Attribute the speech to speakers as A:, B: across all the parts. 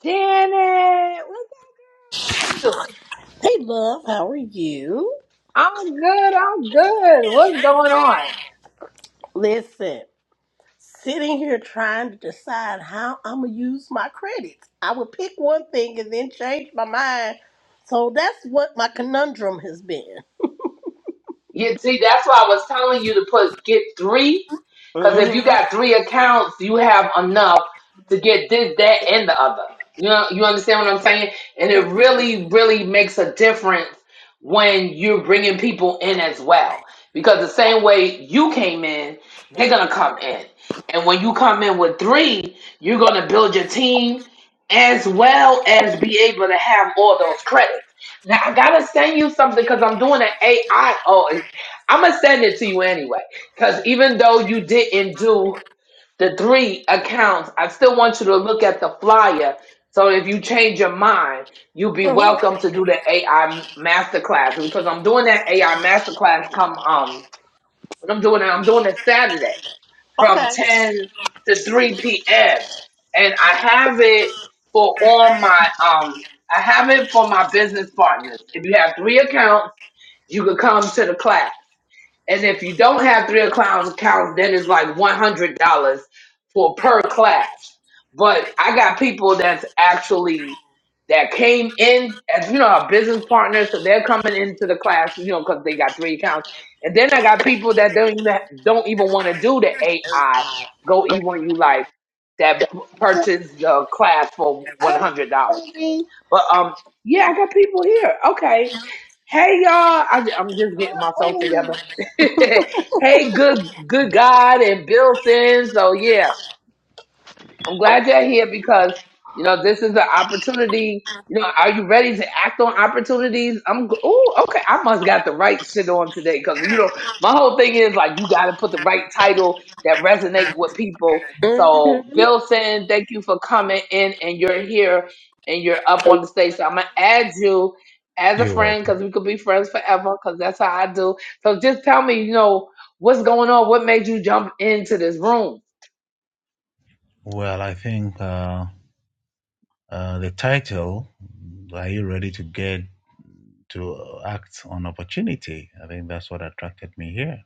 A: Janet, what's up? How you doing?
B: Hey, love, how are you?
A: I'm good. I'm good. What's going on?
B: Listen, sitting here trying to decide how I'm gonna use my credits. I would pick one thing and then change my mind. So that's what my conundrum has been.
A: You see, that's why I was telling you to put get three, because if you
B: hmm
A: got three accounts, you have enough to get this, that, and the other. You know, you understand what I'm saying? And it
B: hmm
A: really, really makes a difference when you're bringing people in as well, because the same way you came in, they're gonna come in, and when you come in with three, you're gonna build your team as well as be able to have all those credits. Now I gotta send you something because I'm doing an AI. I'm gonna send it to you anyway, because even though you didn't do the three accounts, I still want you to look at the flyer. So if you change your mind, you'll be
B: hmm
A: welcome to do the AI masterclass because I'm doing that AI masterclass come um when I'm doing it, I'm doing it Saturday from
B: Okay.
A: 10 to 3 p.m. And I have it for all my um I have it for my business partners. If you have three accounts, you could come to the class. And if you don't have three clowns accounts, then it's like one hundred dollars for per class. But I got people that's actually that came in as you know our business partners, so they're coming into the class, you know, because they got three accounts. And then I got people that don't even don't even want to do the AI. Go even you like that p-
B: hmm
A: purchase the class for one hundred dollars. But um, yeah, I got people here. Okay. Hey y'all, I, am just getting myself together. hey, good, good God and Billson. So yeah, I'm glad you're here because you know this is an opportunity. You know, are you ready to act on opportunities? I'm. Oh, okay. I must got the right shit on today because you know my whole thing is like you got to put the right title that resonate with people. So, Billson, thank you for coming in, and you're here and you're up on the stage. So I'm gonna add you as a
C: You're
A: friend
C: welcome.
A: because we could be friends forever because that's how I do. So just tell me, you know, what's going on? What made you jump into this room?
C: Well, I think uh, uh, the title, Are You Ready to Get to uh, Act on Opportunity? I think that's what attracted me here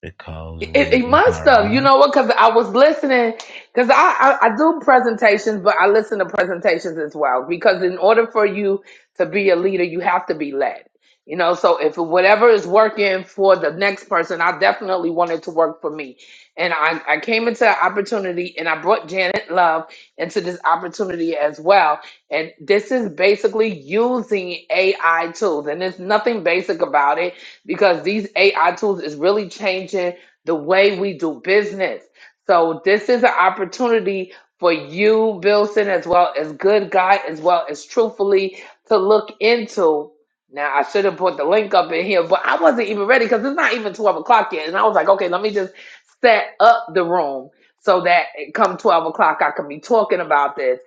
C: because
A: It,
C: we're
A: it
C: looking
A: must have, you
C: around.
A: know what? Because I was listening, because I, I I do presentations, but I listen to presentations as well. Because in order for you to be a leader, you have to be led. You know, so if whatever is working for the next person, I definitely want it to work for me. And I, I came into an opportunity and I brought Janet Love into this opportunity as well. And this is basically using AI tools. And there's nothing basic about it because these AI tools is really changing the way we do business. So this is an opportunity for you, Bilson, as well as Good Guy, as well as truthfully to look into. Now I should have put the link up in here, but I wasn't even ready because it's not even twelve o'clock yet, and I was like, okay, let me just set up the room so that it come twelve o'clock I can be talking about this,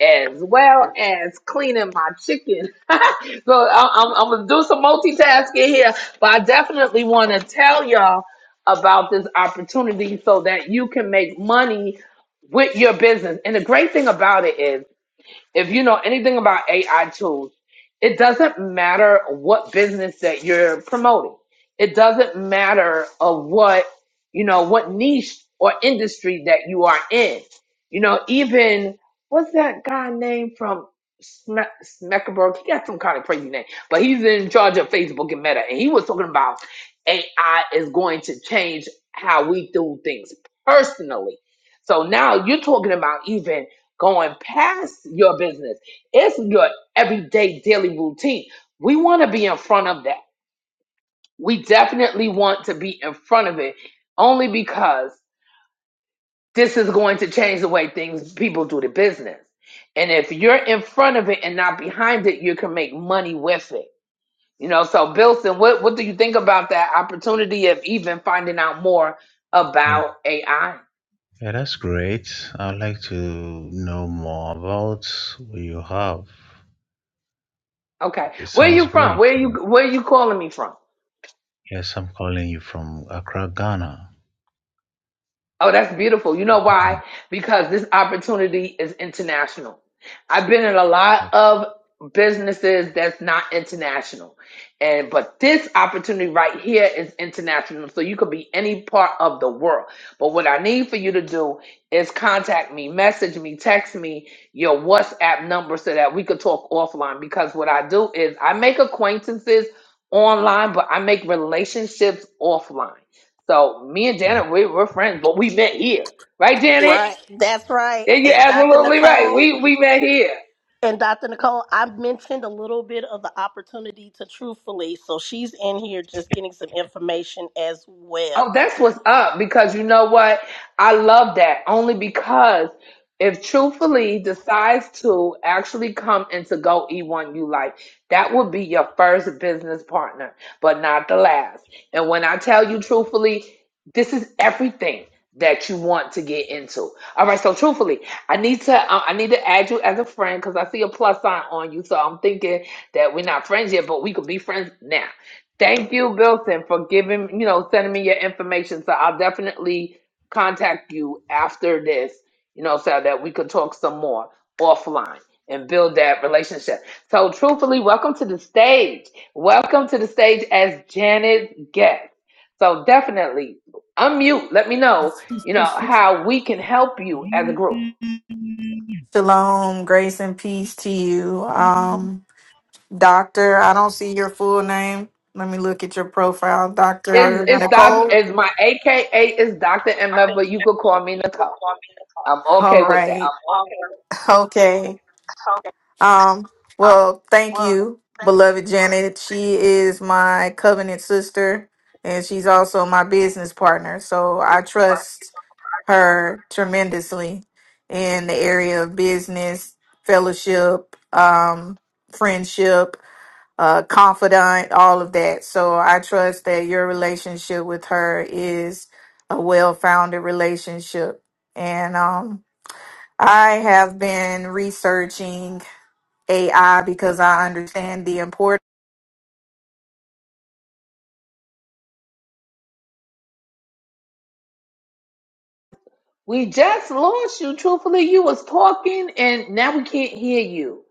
A: as well as cleaning my chicken. so I- I'm, I'm gonna do some multitasking here, but I definitely want to tell y'all about this opportunity so that you can make money with your business. And the great thing about it is if you know anything about AI tools, it doesn't matter what business that you're promoting. It doesn't matter of what, you know, what niche or industry that you are in. You know, even what's that guy name from Sme- Smeckerberg? He got some kind of crazy name, but he's in charge of Facebook and Meta. And he was talking about AI is going to change how we do things personally. So now you're talking about even going past your business. It's your everyday daily routine. We want to be in front of that. We definitely want to be in front of it only because this is going to change the way things people do the business. And if you're in front of it and not behind it, you can make money with it. You know, so Bilson, what, what do you think about that opportunity of even finding out more
C: Yeah,
A: about AI?
C: yeah that's great. I'd like to know more about what you have.
A: Okay.
C: It
A: Where are
C: sounds
A: you from?
C: great.
A: Where are
C: You know?
A: you where are you calling me from?
C: Yes, I'm calling you from Accra, Ghana.
A: Oh, that's beautiful. You know
C: Ghana.
A: why? Because this opportunity is international. I've been in a lot of businesses that's not international. And but this opportunity right here is international. So you could be any part of the world. But what I need for you to do is contact me, message me, text me your WhatsApp number so that we could talk offline because what I do is I make acquaintances online, but I make relationships offline. So me and
C: But, uh,
A: Janet, we, we're friends, but we met here, right, Janet?
B: Right. That's right.
A: Yeah, you're
B: And Dr.
A: absolutely right.
B: Nicole,
A: We we met here.
B: And Dr. Nicole, I mentioned a little bit of the opportunity to truthfully, so she's in here just getting some information as well.
A: Oh, that's what's up because you know what? I love that only because if truthfully decides to actually come into Go E1 You Life, that would be your first business partner, but not the last. And when I tell you truthfully, this is everything that you want to get into. All right, so truthfully, I need to uh, I need to add you as a friend because I see a plus sign on you, so I'm thinking that we're not friends yet, but we could be friends now. Thank you, Wilson, for giving, you know, sending me your information. So I'll definitely contact you after this, you know, so that we could talk some more offline and build that relationship. So truthfully, welcome to the stage. Welcome to the stage as Janet guest. So definitely unmute. Let me know, you know, how we can help you as a group.
D: Shalom, grace and peace to you. Um, doctor, I don't see your full name. Let me look at your profile,
A: Is
D: Dr.
C: Doctor,
A: is
C: I'm
A: doc
C: your
D: Nicole.
A: is
C: food.
A: my
C: I mean,
A: AKA is Dr.
C: I
A: MF,
C: think
A: but you could call me
C: you could
A: Nicole.
C: call
A: I'm
D: All
A: okay with that.
D: right. Okay.
C: me.
D: Um,
C: Um,
D: well, thank
C: well,
D: you,
C: thank
D: beloved Janet. She is my covenant sister and she's also my business partner. So
C: you,
D: I
C: Mr. Park.
D: trust her tremendously in the area of business, fellowship, um, friendship, uh, confidant, all of that. So I trust that your relationship with her is a well founded relationship. And um, I have been researching AI because I understand the importance.
A: We just lost you. Truthfully, you was talking and now we can't hear you.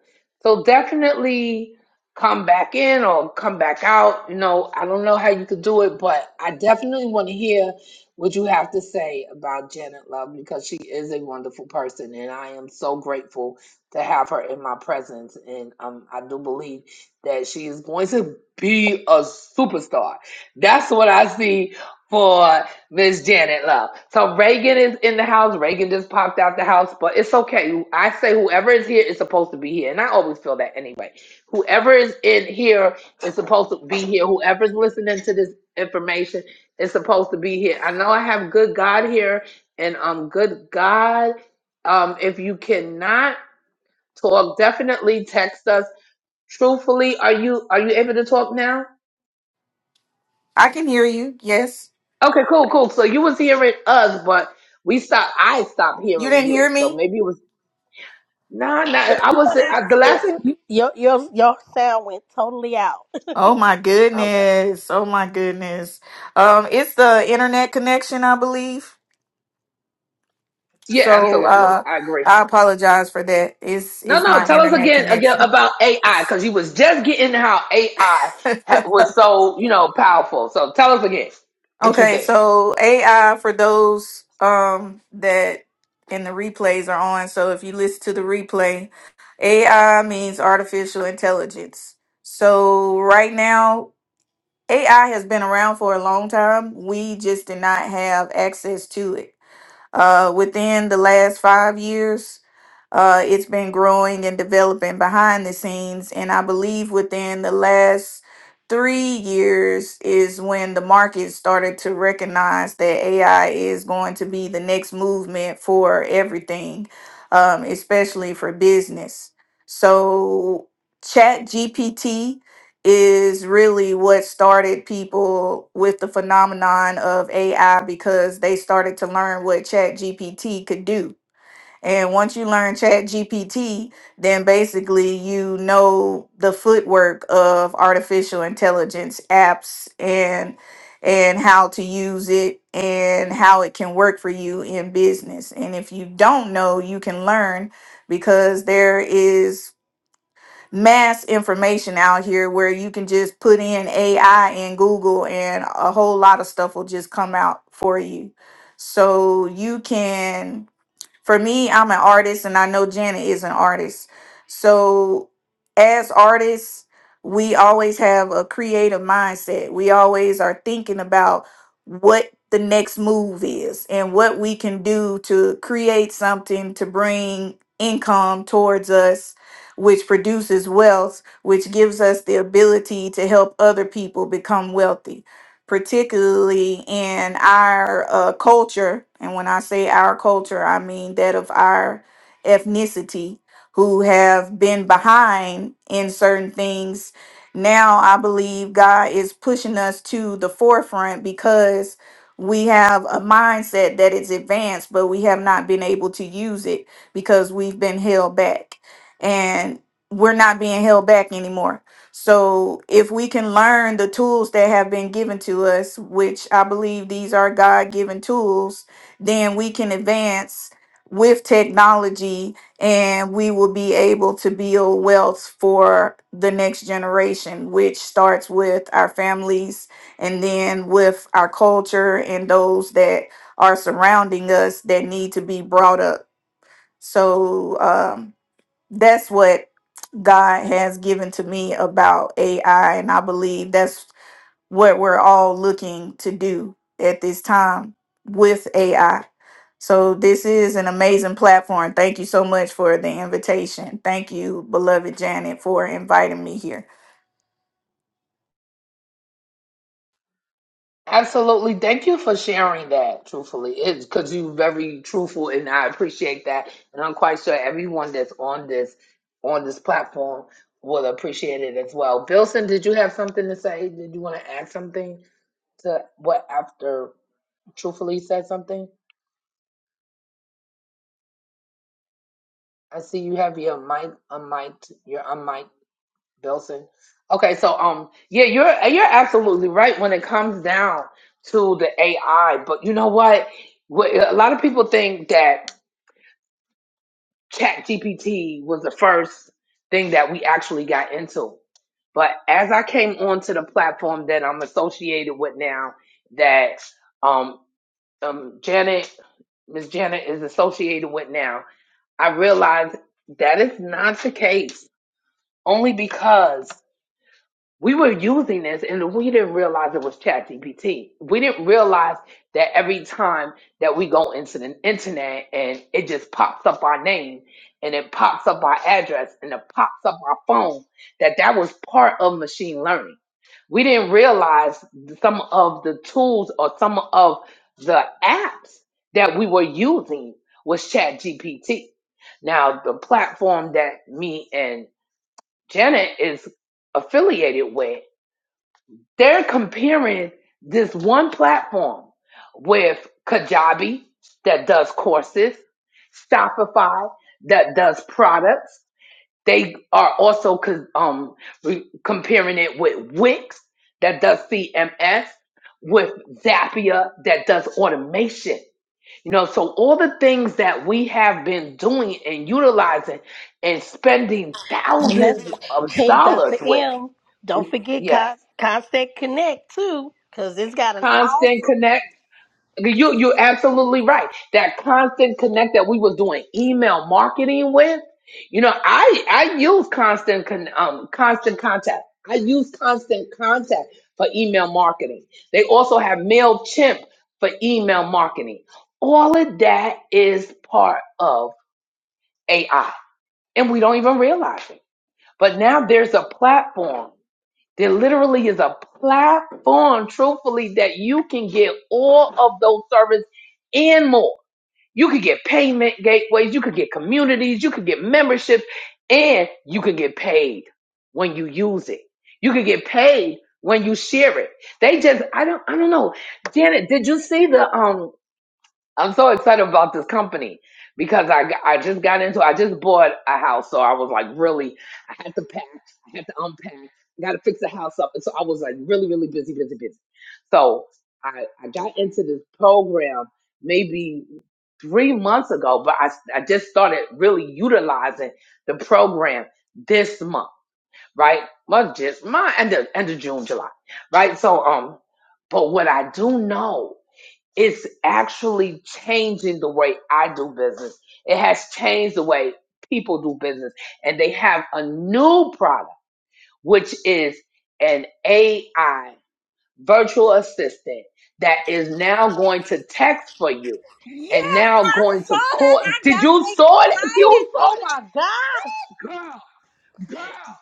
A: So definitely come back in or come back out. You know, I don't know how you could do it, but I definitely want to hear what you have to say about Janet Love because she is a wonderful person and I am so grateful to have her in my presence. And um, I do believe that she is going to be a superstar. That's what I see for. Miss Janet Love. So Reagan is in the house. Reagan just popped out the house, but it's okay. I say whoever is here is supposed to be here, and I always feel that anyway. Whoever is in here is supposed to be here. Whoever's listening to this information is supposed to be here. I know I have good God here, and um, good God, um, if you cannot talk, definitely text us. Truthfully, are you are you able to talk now?
D: I can hear you. Yes.
A: Okay, cool, cool. So you was hearing us, but we stopped. I stopped
D: You
A: hearing
D: didn't hear
A: you. So
D: me?
A: maybe it was nah, nah. I
B: Come
A: was
B: on out,
A: I, the last
B: sis.
A: thing.
B: You- Your your your sound went totally out.
D: Oh my
A: Okay,
D: goodness. Oh my goodness. Um, it's the internet connection, I believe.
A: yeah,
D: So Yeah.
A: absolutely,
D: uh,
A: I agree.
D: I apologize for that. It's,
A: No,
D: it's
A: no.
D: my
A: Tell us
D: internet
A: again, again
D: connection.
A: about AI because you was just getting how AI ha- was so you know powerful. So tell us again what you
D: Okay,
A: think.
D: so AI for those um that and the replays are on. So if you listen to the replay, AI means artificial intelligence. So right now, AI has been around for a long time. We just did not have access to it. Uh, within the last five years, uh, it's been growing and developing behind the scenes, and I believe within the last three years is when the market started to recognize that AI is going to be the next movement for everything, um, especially for business. So, Chat GPT is really what started people with the phenomenon of AI because they started to learn what Chat GPT could do and once you learn Chat GPT, then basically you know the footwork of artificial intelligence apps and and how to use it and how it can work for you in business. And if you don't know, you can learn because there is mass information out here where you can just put in AI in Google and a whole lot of stuff will just come out for you. So you can for me, I'm an artist, and I know Janet is an artist. So, as artists, we always have a creative mindset. We always are thinking about what the next move is and what we can do to create something to bring income towards us, which produces wealth, which gives us the ability to help other people become wealthy particularly in our uh, culture. And when I say our culture, I mean that of our ethnicity, who have been behind in certain things. Now, I believe God is pushing us to the forefront because we have a mindset that is advanced, but we have not been able to use it because we've been held back. And we're not being held back anymore so if we can learn the tools that have been given to us, which I believe these are God given tools, then we can advance with technology and we will be able to build wealth for the next generation, which starts with our families and then with our culture and those that are surrounding us that need to be brought up. So um, that's what God has given to me about AI. And I believe that's what we're all looking to do at this time with AI. So, this is an amazing platform. Thank you so much for the invitation. Thank you, beloved Janet, for inviting me here.
A: Absolutely. Thank you for sharing that, truthfully. It's because you're very truthful and I appreciate that. And I'm quite sure everyone that's on this on this platform will appreciate it as well. Bilson, did you have something to say? Did you want to add something to what after truthfully said something? I see you have your mic unmiked, your unmiked Bilson. Okay, so um yeah, you're you're absolutely right when it comes down to the AI, but you know what? What- A lot of people think that ChatGPT was the first thing that we actually got into. But as I came onto the platform that I'm associated with now, that um, um Janet, Miss Janet is associated with now, I realized that is not the case. Only because we were using this and we didn't realize it was ChatGPT. We didn't realize that every time that we go into the internet and it just pops up our name and it pops up our address and it pops up our phone, that that was part of machine learning. We didn't realize some of the tools or some of the apps that we were using was ChatGPT. Now, the platform that me and Janet is affiliated with they're comparing this one platform with Kajabi that does courses, Shopify that does products. They are also co- um, re- comparing it with Wix that does CMS, with Zapier that does automation. You know, so all the things that we have been doing and utilizing and spending
B: And that's
A: thousands of
B: hey, Dr.
A: dollars with,
B: M. Don't
A: we
B: forget
A: yes,
B: Con- Contact Connect too, because it's got an
A: Constant
B: awesome.
A: Connect.
B: email.
A: You you're absolutely right. That constant connect that we was doing email marketing with, you know, I I use constant con, um constant contact. I use constant contact for email marketing. They also have Mailchimp for email marketing. All of that is part of AI, and we don't even realize it. But now there's a platform there literally is a platform, truthfully, that you can get all of those services and more. You could get payment gateways, you could get communities, you could get memberships, and you could get paid when you use it. You could get paid when you share it. They just, I don't, I don't know. Janet, did you see the um I'm so excited about this company because I g- I just got into I just bought a house, so I was like really I had to pack, I had to unpack, I got to fix the house up, and so I was like really really busy busy busy. So I I got into this program maybe three months ago, but I I just started really utilizing the program this month, right? Month just my end of end of June July, right? So um, but what I do know it's actually changing the way I do business. It has changed the way people do business. And they have a new product, which is an AI virtual assistant that is now going to text for you and
B: Yes,
A: now going
B: I
A: to
B: saw that.
A: call.
B: I
A: Did you
B: got
A: saw that?
B: excited.
A: You saw
B: Oh
A: that?
B: my gosh!
A: Girl, girl,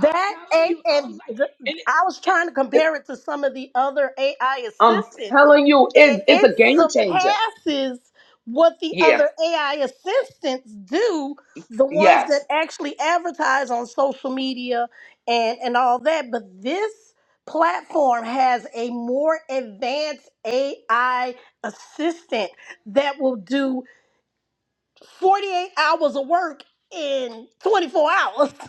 A: I'm telling
B: a
A: you, I was
B: and
A: like,
B: the,
A: and it,
B: I was trying to
A: it-
B: compare it to some of the other AI
A: I'm
B: assistants,
A: telling you,
B: and
A: it, it's a
B: it
A: game changer.
B: surpasses what the
A: Yeah,
B: other AI assistants do. The ones
A: yes,
B: that actually advertise on social media and and all that, but this platform has a more advanced AI assistant that will do 48 hours of work in 24 hours.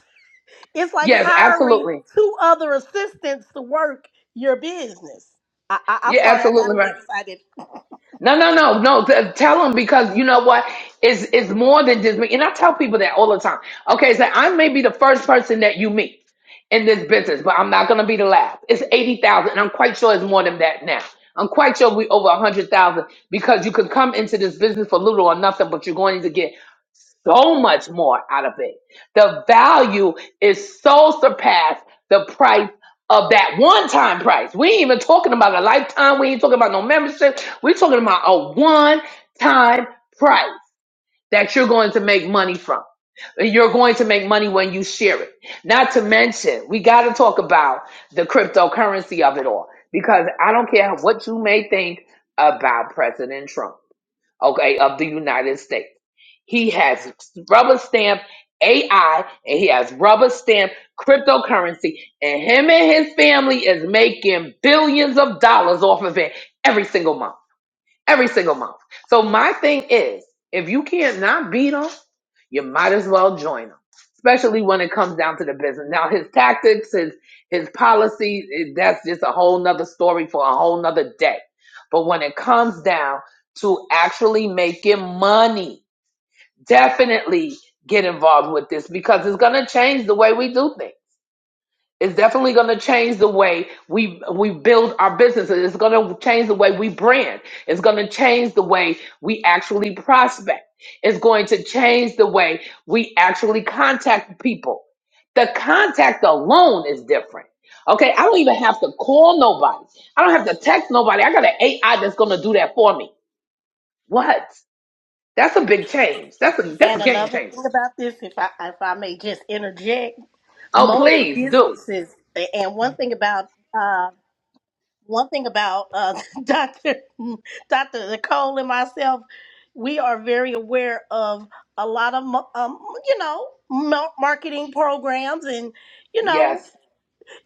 B: It's like
A: yes,
B: hiring
A: absolutely.
B: two other assistants to work your business. I, I, I'm
A: You're
B: sorry, I got a
A: absolutely
B: little
A: right.
B: excited.
A: No, no, no, no. Th- Tell them because you know what? It's, it's more than just me. And I tell people that all the time. Okay, so I may be the first person that you meet in this business, but I'm not going to be the last. It's 80,000. And I'm quite sure it's more than that now. I'm quite sure we over 100,000 because you could come into this business for little or nothing, but you're going to get so much more out of it. The value is so surpassed the price of that one time price. We ain't even talking about a lifetime. We ain't talking about no membership. We're talking about a one time price that you're going to make money from. You're going to make money when you share it. Not to mention, we got to talk about the cryptocurrency of it all because I don't care what you may think about President Trump, okay, of the United States. He has rubber stamp AI and he has rubber stamp cryptocurrency. And him and his family is making billions of dollars off of it every single month. Every single month. So my thing is, if you can't not beat them, you might as well join them. Especially when it comes down to the business. Now his tactics, his his policies, it- that's just a whole nother story for a whole nother day. But when it comes down to actually making money, definitely get involved with this because it's going to change the way we do things. It's definitely going to change the way we we build our businesses. It's going to change the way we brand. It's going to change the way we actually prospect. It's going to change the way we actually contact people. The contact alone is different. Okay, I don't even have to call nobody. I don't have to text nobody. I got an AI that's going to do that for me. What? That's a big change. That's a that's a
B: And
A: game
B: another
A: changer.
B: thing about this, if I if I may just interject,
A: Oh,
B: most
A: please do.
B: businesses, and one thing about uh, one thing about uh, Doctor Doctor Nicole and myself, we are very aware of a lot of mo- um, you know mar- marketing programs and you know
A: Yes.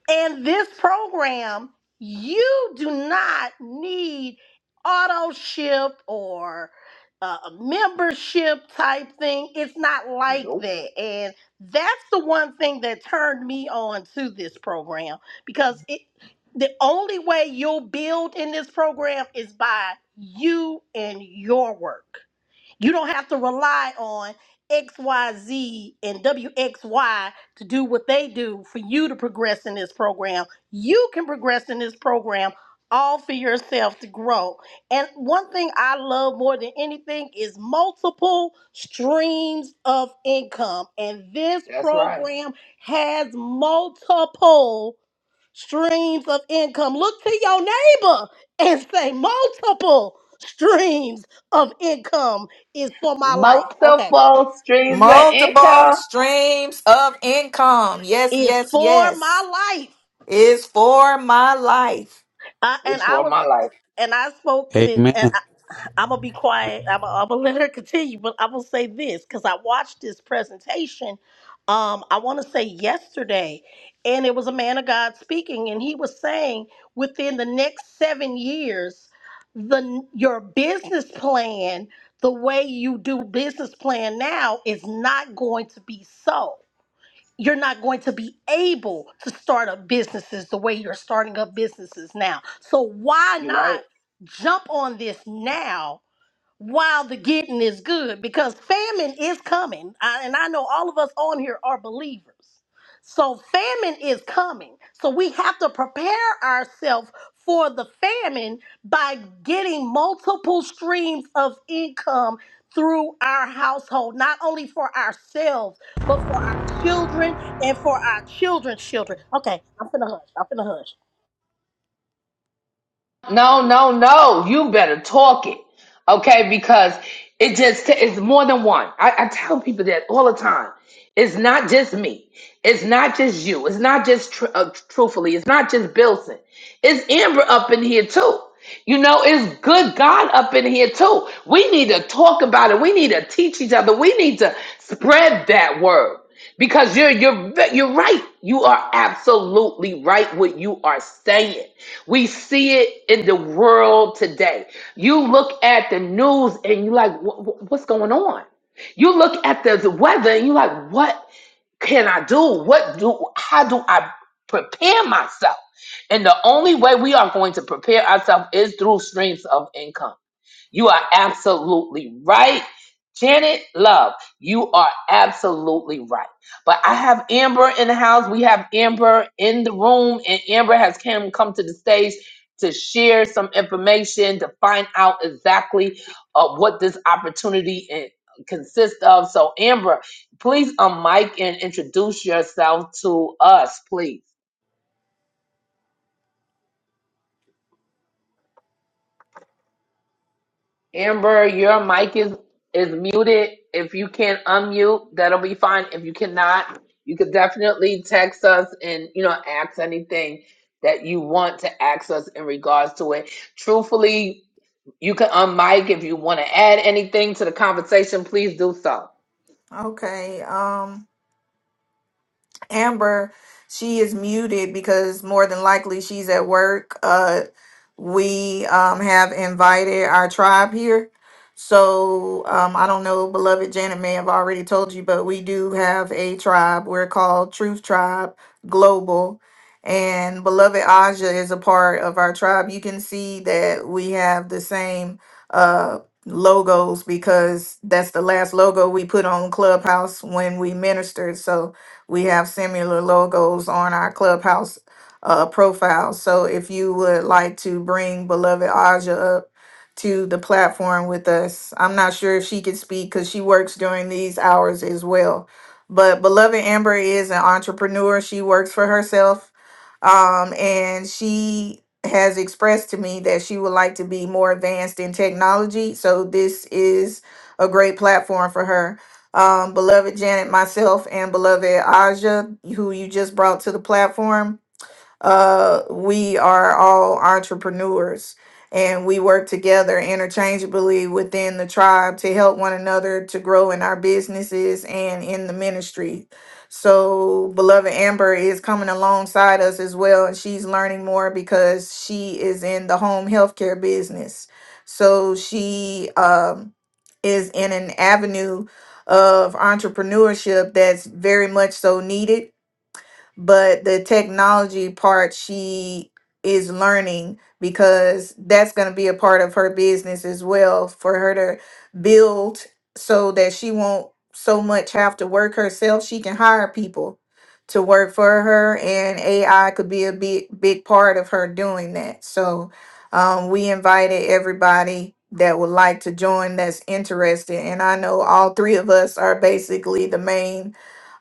B: In this program, you do not need auto ship or uh, a membership type thing. It's not like
A: Nope.
B: that. And that's the one thing that turned me on to this program because it the only way you'll build in this program is by you and your work. You don't have to rely on XYZ and WXY to do what they do for you to progress in this program. You can progress in this program all for yourself to grow. And one thing I love more than anything is multiple streams of income. And this
A: That's right.
B: program has multiple streams of income. Look to your neighbor and say, multiple streams of income is for my life. Okay.
A: Multiple streams of
D: Multiple
A: income
D: streams of income. Yes,
B: Is
D: yes,
B: for
D: yes.
B: my life.
D: Is for my life.
B: I,
A: is
B: and I
A: for
B: was,
A: my life.
B: and I spoke
E: Amen.
B: this. I'm gonna be quiet. I'm gonna, I'm gonna let her continue, but I will say this because I watched this presentation. Um, I want to say yesterday, and it was a man of God speaking, and he was saying within the next seven years, the your business plan, the way you do business plan now, is not going to be so. You're not going to be able to start up businesses the way you're starting up businesses now. So why
A: You're right.
B: not jump on this now? while the getting is good because famine is coming. I, and I know all of us on here are believers. So famine is coming. So we have to prepare ourselves for the famine by getting multiple streams of income through our household, not only for ourselves, but for our children and for our children's children. Okay, I'm finna hush. I'm finna hush.
A: No, no, no. You better talk it. Okay? Because it just it's more than one. I, I tell people that all the time. It's not just me. It's not just you. It's not just tr- uh, truthfully. It's not just Bilson. It's Amber up in here too. You know, it's good God up in here too. We need to talk about it. We need to teach each other. We need to spread that word because you're you're you're right. You are absolutely right what you are saying we see it in the world today. You look at the news and you're like, "Wha- wha- what's going on? You look at the, the weather and you're like, what can I do? What do, how do I prepare myself? And the only way we are going to prepare ourselves is through streams of income. You are absolutely right. Janet Love, you are absolutely right. But I have Amber in the house. We have Amber in the room, and Amber has come come to the stage to share some information to find out exactly uh, what this opportunity in, consists of. So, Amber, please unmic and introduce yourself to us, please. Amber, your mic is is muted. If you can unmute, that'll be fine. If you cannot, you could definitely text us and you know ask anything that you want to ask us in regards to it. Truthfully, you can unmic if you want to add anything to the conversation. Please do so.
D: Okay. Um Amber, she is muted because more than likely she's at work. Uh, we um, have invited our tribe here. So um, I don't know, beloved Janet may have already told you, but we do have a tribe. We're called Truth Tribe Global. And beloved Aja is a part of our tribe. You can see that we have the same uh, logos because that's the last logo we put on Clubhouse when we ministered. So we have similar logos on our clubhouse uh, profile. So if you would like to bring beloved Aja up to the platform with us, I'm not sure if she could speak because she works during these hours as well. But beloved Amber is an entrepreneur. She works for herself. Um, and she has expressed to me that she would like to be more advanced in technology. So this is a great platform for her um, beloved Janet, myself, and beloved Aja, who you just brought to the platform. Uh, we are all entrepreneurs and we work together interchangeably within the tribe to help one another to grow in our businesses and in the ministry. So, beloved Amber is coming alongside us as well, and she's learning more because she is in the home healthcare business. So, she um, is in an avenue of entrepreneurship that's very much so needed but the technology part she is learning because that's going to be a part of her business as well for her to build so that she won't so much have to work herself she can hire people to work for her and AI could be a big big part of her doing that so um, we invited everybody that would like to join that's interested and I know all three of us are basically the main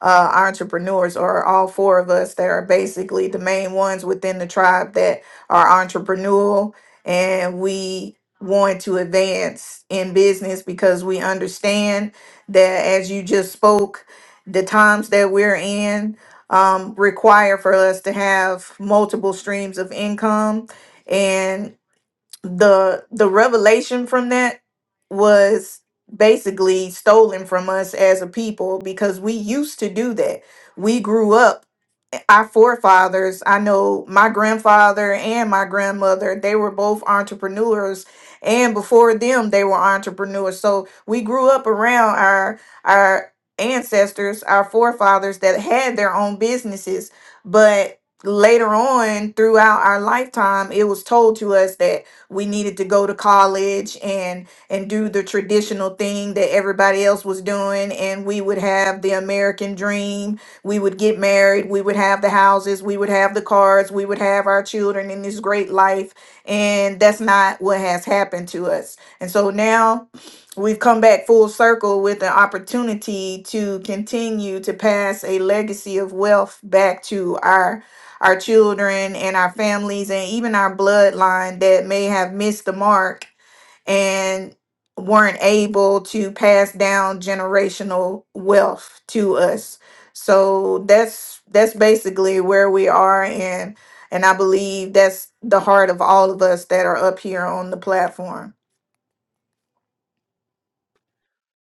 D: uh, entrepreneurs, or all four of us that are basically the main ones within the tribe that are entrepreneurial. And we want to advance in business because we understand that, as you just spoke, the times that we're in um, require for us to have multiple streams of income the the revelation from that was basically stolen from us as a people because we used to do that. We grew up our forefathers, I know my grandfather and my grandmother, they were both entrepreneurs and before them they were entrepreneurs. So we grew up around our our ancestors, our forefathers that had their own businesses, but later on throughout our lifetime it was told to us that we needed to go to college and and do the traditional thing that everybody else was doing and we would have the American dream. We would get married, we would have the houses, we would have the cars, we would have our children in this great life and that's not what has happened to us. And so now we've come back full circle with an opportunity to continue to pass a legacy of wealth back to our our children and our families and even our bloodline that may have missed the mark and weren't able to pass down generational wealth to us. So that's that's basically where we are and and I believe that's the heart of all of us that are up here on the platform.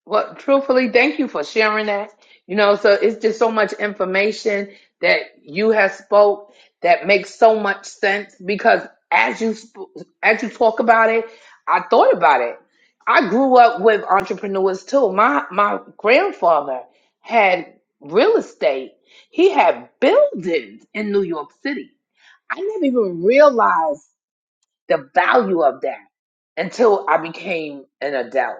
A: Well, truthfully, thank you for sharing that. You know, so it's just so much information that you have spoke that makes so much sense because as you sp- as you talk about it, I thought about it. I grew up with entrepreneurs too. My my grandfather had real estate. He had buildings in New York City. I never even realized the value of that until I became an adult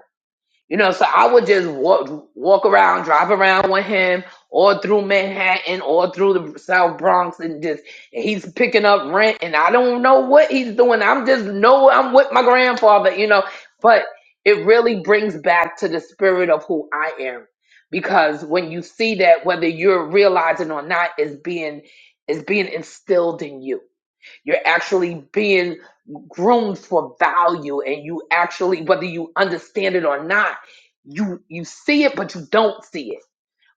A: you know, so I would just walk walk around, drive around with him, or through Manhattan, or through the South Bronx, and just and he's picking up rent, and I don't know what he's doing. I'm just know I'm with my grandfather, you know. But it really brings back to the spirit of who I am, because when you see that, whether you're realizing or not, is being is being instilled in you you're actually being groomed for value and you actually whether you understand it or not, you you see it but you don't see it.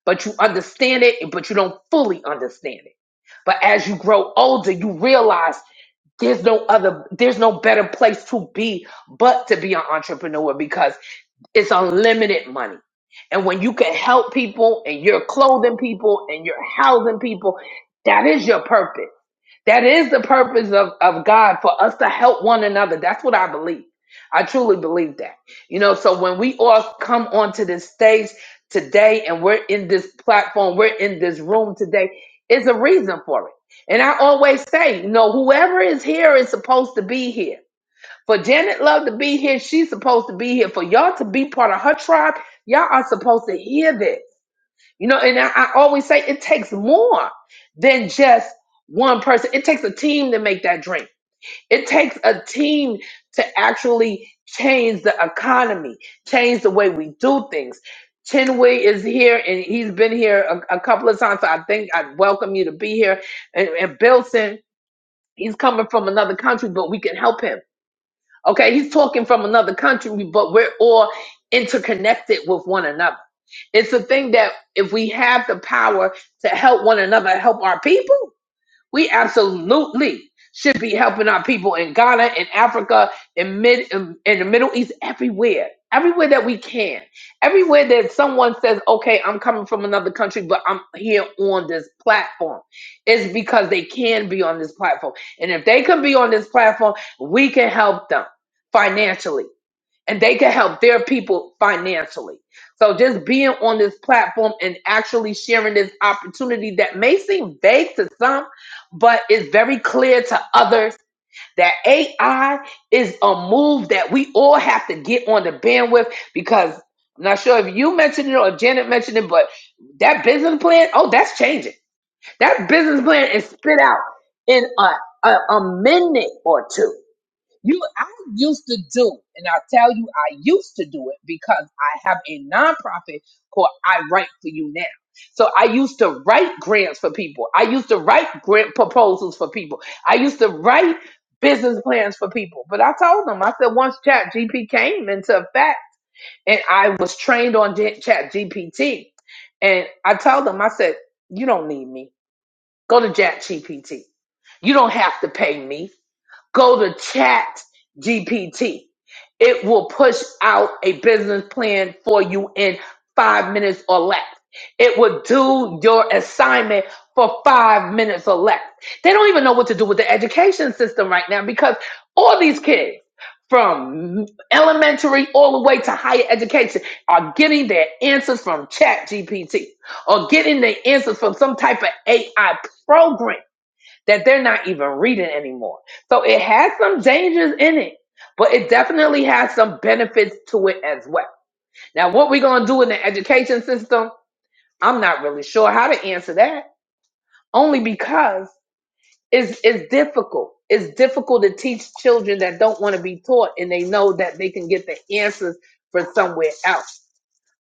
A: But you understand it but you don't fully understand it. But as you grow older, you realize there's no other there's no better place to be but to be an entrepreneur because it's unlimited money. And when you can help people and you're clothing people and you're housing people, that is your purpose that is the purpose of, of God for us to help one another. That's what I believe. I truly believe that. You know, so when we all come onto this stage today and we're in this platform, we're in this room today, is a reason for it. And I always say, you know, whoever is here is supposed to be here. For Janet Love to be here, she's supposed to be here. For y'all to be part of her tribe, y'all are supposed to hear this. You know, and I, I always say it takes more than just one person. It takes a team to make that drink. It takes a team to actually change the economy, change the way we do things. Chin Wei is here and he's been here a, a couple of times. So I think I welcome you to be here. And, and Bilson, he's coming from another country, but we can help him. Okay, he's talking from another country, but we're all interconnected with one another it's a thing that if we have the power to help one another, help our people, we absolutely should be helping our people in Ghana, in Africa, in mid, in, in the Middle East, everywhere, everywhere that we can, everywhere that someone says, "Okay, I'm coming from another country, but I'm here on this platform," it's because they can be on this platform, and if they can be on this platform, we can help them financially and they can help their people financially. So just being on this platform and actually sharing this opportunity that may seem vague to some, but is very clear to others that AI is a move that we all have to get on the bandwidth because I'm not sure if you mentioned it or if Janet mentioned it, but that business plan, oh, that's changing. That business plan is spit out in a, a, a minute or two you, I used to do, and I tell you, I used to do it because I have a nonprofit called I Write for You Now. So I used to write grants for people. I used to write grant proposals for people. I used to write business plans for people. But I told them, I said, once Chat G P came into effect, and I was trained on Chat GPT, and I told them, I said, you don't need me. Go to Chat GPT. You don't have to pay me. Go to Chat GPT. It will push out a business plan for you in five minutes or less. It will do your assignment for five minutes or less. They don't even know what to do with the education system right now because all these kids from elementary all the way to higher education are getting their answers from chat gpt or getting their answers from some type of ai program that they're not even reading anymore. So it has some dangers in it, but it definitely has some benefits to it as well. Now, what we're going to do in the education system, I'm not really sure how to answer that, only because it's, it's difficult. It's difficult to teach children that don't want to be taught and they know that they can get the answers from somewhere else.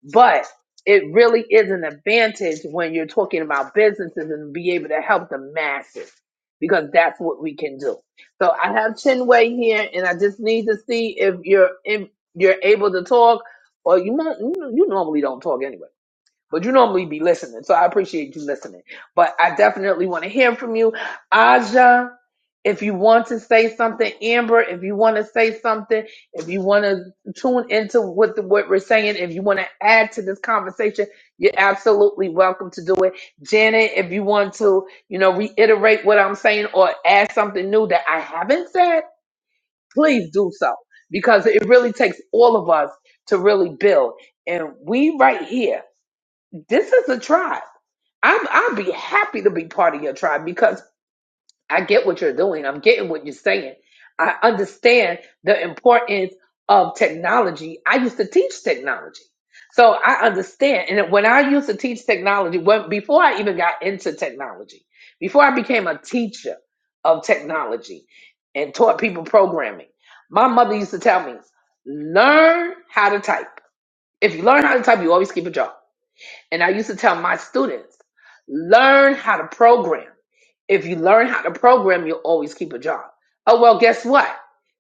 A: But it really is an advantage when you're talking about businesses and be able to help the masses because that's what we can do. So I have Chinwei here, and I just need to see if you're if you're able to talk, or you know you, you normally don't talk anyway but you normally be listening, so I appreciate you listening. But I definitely want to hear from you, Aja. If you want to say something, Amber, if you want to say something, if you want to tune into what the, what we're saying, if you want to add to this conversation, you're absolutely welcome to do it. Janet, if you want to, you know, reiterate what I'm saying or add something new that I haven't said, please do so because it really takes all of us to really build. And we right here this is a tribe. I'm I'd be happy to be part of your tribe because I get what you're doing. I'm getting what you're saying. I understand the importance of technology. I used to teach technology. So I understand. And when I used to teach technology, when before I even got into technology, before I became a teacher of technology and taught people programming, my mother used to tell me, learn how to type. If you learn how to type, you always keep a job. And I used to tell my students, learn how to program. If you learn how to program, you'll always keep a job. Oh, well, guess what?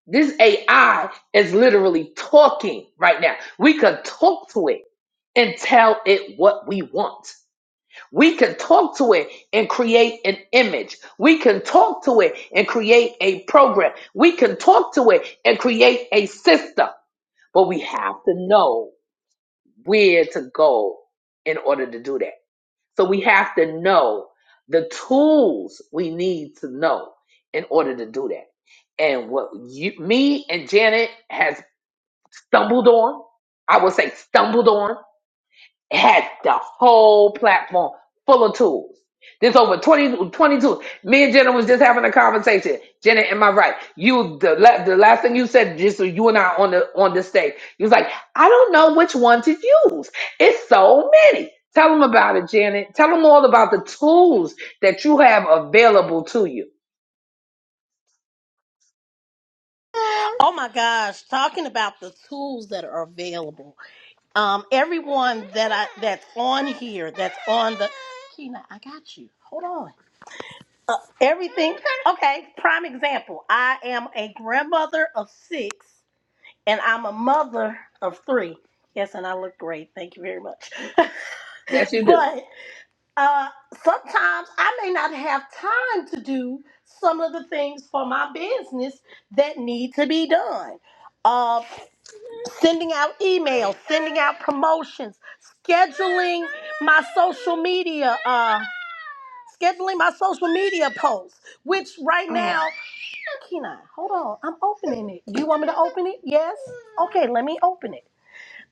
A: This AI is literally talking right now. We could talk to it and tell it what we want. We can talk to it and create an image. We can talk to it and create a program. We can talk to it and create a system. But we have to know where to go in order to do that. So we have to know the tools we need to know in order to do that. And what you, me and Janet has stumbled on, I would say stumbled on, had the whole platform full of tools. There's over 20, twenty tools. Me and Jenna was just having a conversation. Jenna, am I right? You the la- the last thing you said, just so you and I on the on the stage. You was like, I don't know which one to use. It's so many. Tell them about it, Janet. Tell them all about the tools that you have available to you.
B: Oh my gosh, talking about the tools that are available. um, everyone that I that's on here, that's on the Keena, I got you. Hold on. Uh, everything. Okay. Prime example. I am a grandmother of six, and I'm a mother of three. Yes, and I look great. Thank you very much.
A: Yes, you do.
B: but uh, sometimes I may not have time to do some of the things for my business that need to be done. Uh, sending out emails, sending out promotions, scheduling my social media, uh, scheduling my social media posts, which right now,
A: Oh,
B: Kenai, hold on, I'm opening it. Do you want me to open it? Yes? Okay, let me open it.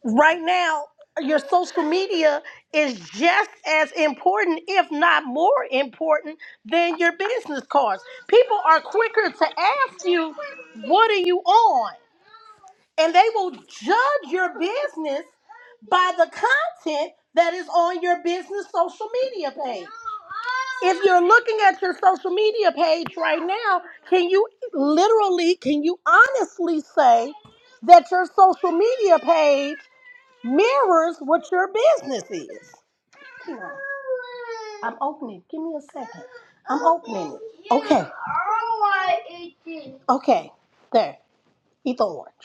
B: Right now, your social media is just as important, if not more important, than your business cards. People are quicker to ask you, What are you on? and they will judge your business by the content that is on your business social media page. If you're looking at your social media page right now, can you literally, can you honestly say that your social media page mirrors what your business is? Kira, I'm opening. Give me a second. I'm opening it. Okay. Okay. There. Eat the orange.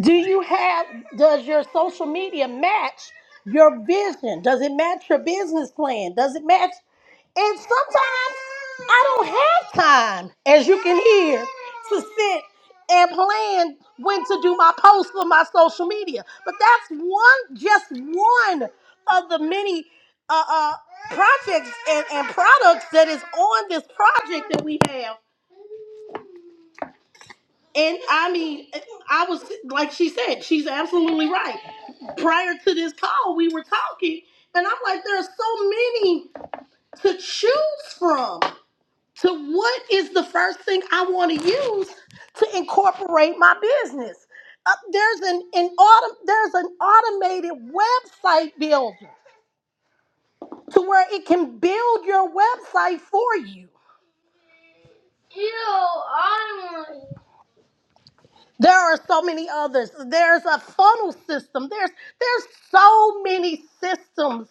B: Do you have, does your social media match your vision? Does it match your business plan? Does it match? And sometimes I don't have time, as you can hear, to sit and plan when to do my posts for my social media. But that's one, just one of the many uh, uh, projects and, and products that is on this project that we have. And I mean, I was like she said, she's absolutely right. Prior to this call, we were talking, and I'm like, there are so many to choose from. To what is the first thing I want to use to incorporate my business? Uh, there's an, an autom- there's an automated website builder to where it can build your website for you. Ew, There are so many others. There's a funnel system. There's there's so many systems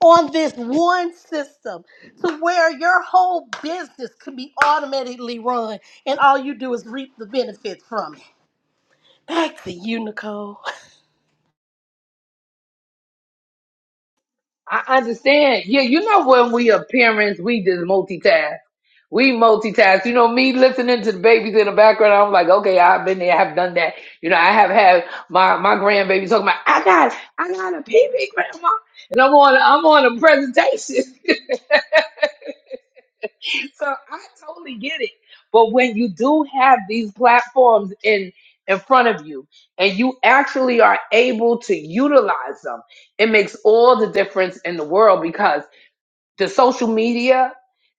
B: on this one system to where your whole business can be automatically run and all you do is reap the benefits from it. Back to you, Nicole.
A: I understand. Yeah, you know when we appearance, we just multitask. We multitask. You know, me listening to the babies in the background, I'm like, okay, I've been there, I've done that. You know, I have had my my grandbaby talking about, I got, I got a baby, grandma, and I'm on, I'm on a presentation, so I totally get it. But when you do have these platforms in in front of you, and you actually are able to utilize them, it makes all the difference in the world because the social media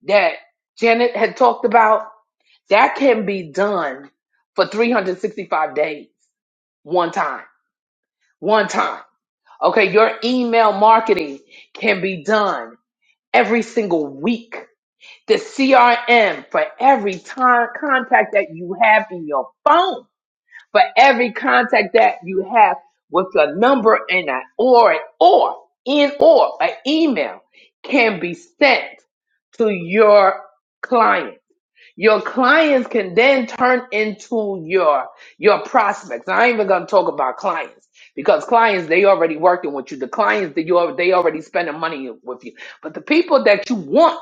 A: that Janet had talked about That can be done for 365 days, one time, one time. Okay, your email marketing can be done every single week. The CRM for every time contact that you have in your phone, for every contact that you have with a number and an or or in or an email can be sent to your client your clients can then turn into your your prospects. I ain't even gonna talk about clients because clients they already working with you. The clients that you al- they already spending money with you. But the people that you want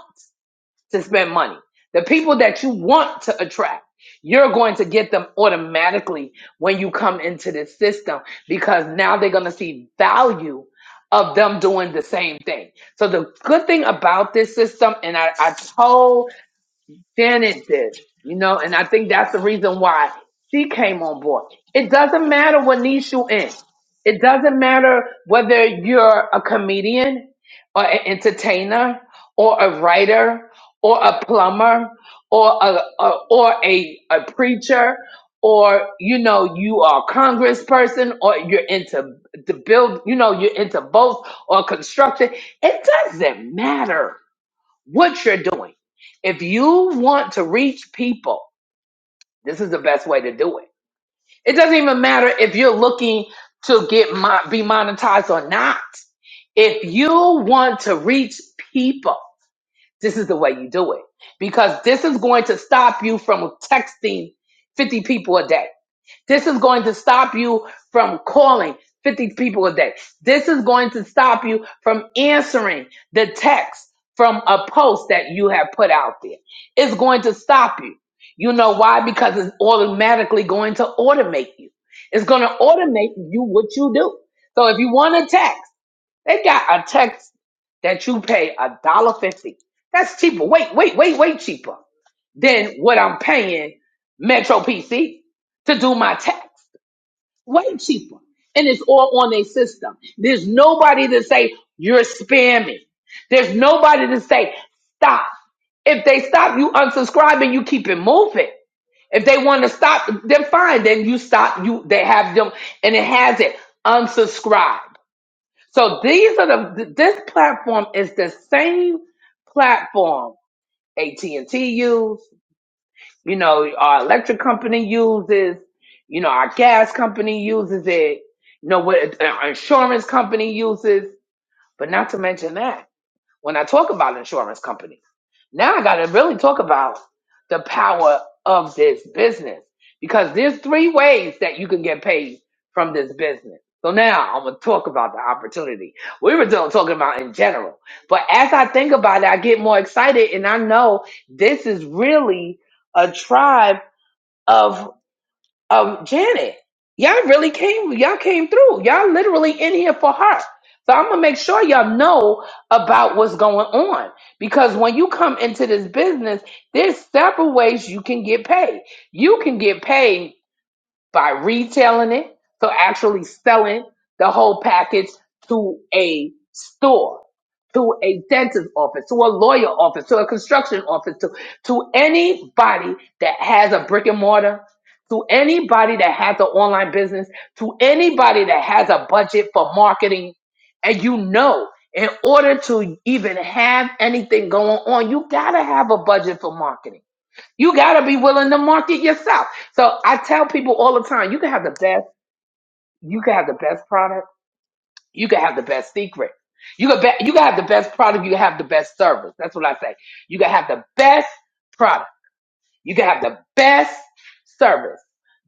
A: to spend money, the people that you want to attract, you're going to get them automatically when you come into this system because now they're gonna see value of them doing the same thing. So the good thing about this system, and I, I told Janet did, you know, and I think that's the reason why she came on board. It doesn't matter what niche you're in. It doesn't matter whether you're a comedian or an entertainer or a writer or a plumber or a, a or a, a preacher or you know you are a congressperson or you're into the build you know you're into both or construction it doesn't matter what you're doing. If you want to reach people, this is the best way to do it. It doesn't even matter if you're looking to get mo- be monetized or not. If you want to reach people, this is the way you do it because this is going to stop you from texting 50 people a day. This is going to stop you from calling 50 people a day. This is going to stop you from answering the text from a post that you have put out there. It's going to stop you. You know why? Because it's automatically going to automate you. It's going to automate you what you do. So if you want a text, they got a text that you pay a dollar fifty. That's cheaper. Wait, wait, wait, wait, cheaper than what I'm paying Metro PC to do my text way cheaper. And it's all on their system. There's nobody to say, you're spamming. There's nobody to say, stop. If they stop you unsubscribing, you keep it moving. If they want to stop, then fine. Then you stop. You they have them, and it has it unsubscribe. So these are the this platform is the same platform AT and T used. You know, our electric company uses, you know, our gas company uses it, you know, what our insurance company uses, but not to mention that. When I talk about insurance companies, now I got to really talk about the power of this business because there's three ways that you can get paid from this business. So now I'm going to talk about the opportunity. We were still talking about in general, but as I think about it, I get more excited and I know this is really a tribe of um Janet. Y'all really came y'all came through. Y'all literally in here for her. So I'm gonna make sure y'all know about what's going on. Because when you come into this business, there's several ways you can get paid. You can get paid by retailing it, so actually selling the whole package to a store, to a dentist office, to a lawyer office, to a construction office, to, to anybody that has a brick and mortar, to anybody that has an online business, to anybody that has a budget for marketing. And you know, in order to even have anything going on, you gotta have a budget for marketing. You gotta be willing to market yourself. So I tell people all the time, you can have the best, you can have the best product, you can have the best secret. You can be, you can have the best product, you can have the best service. That's what I say. You can have the best product, you can have the best service.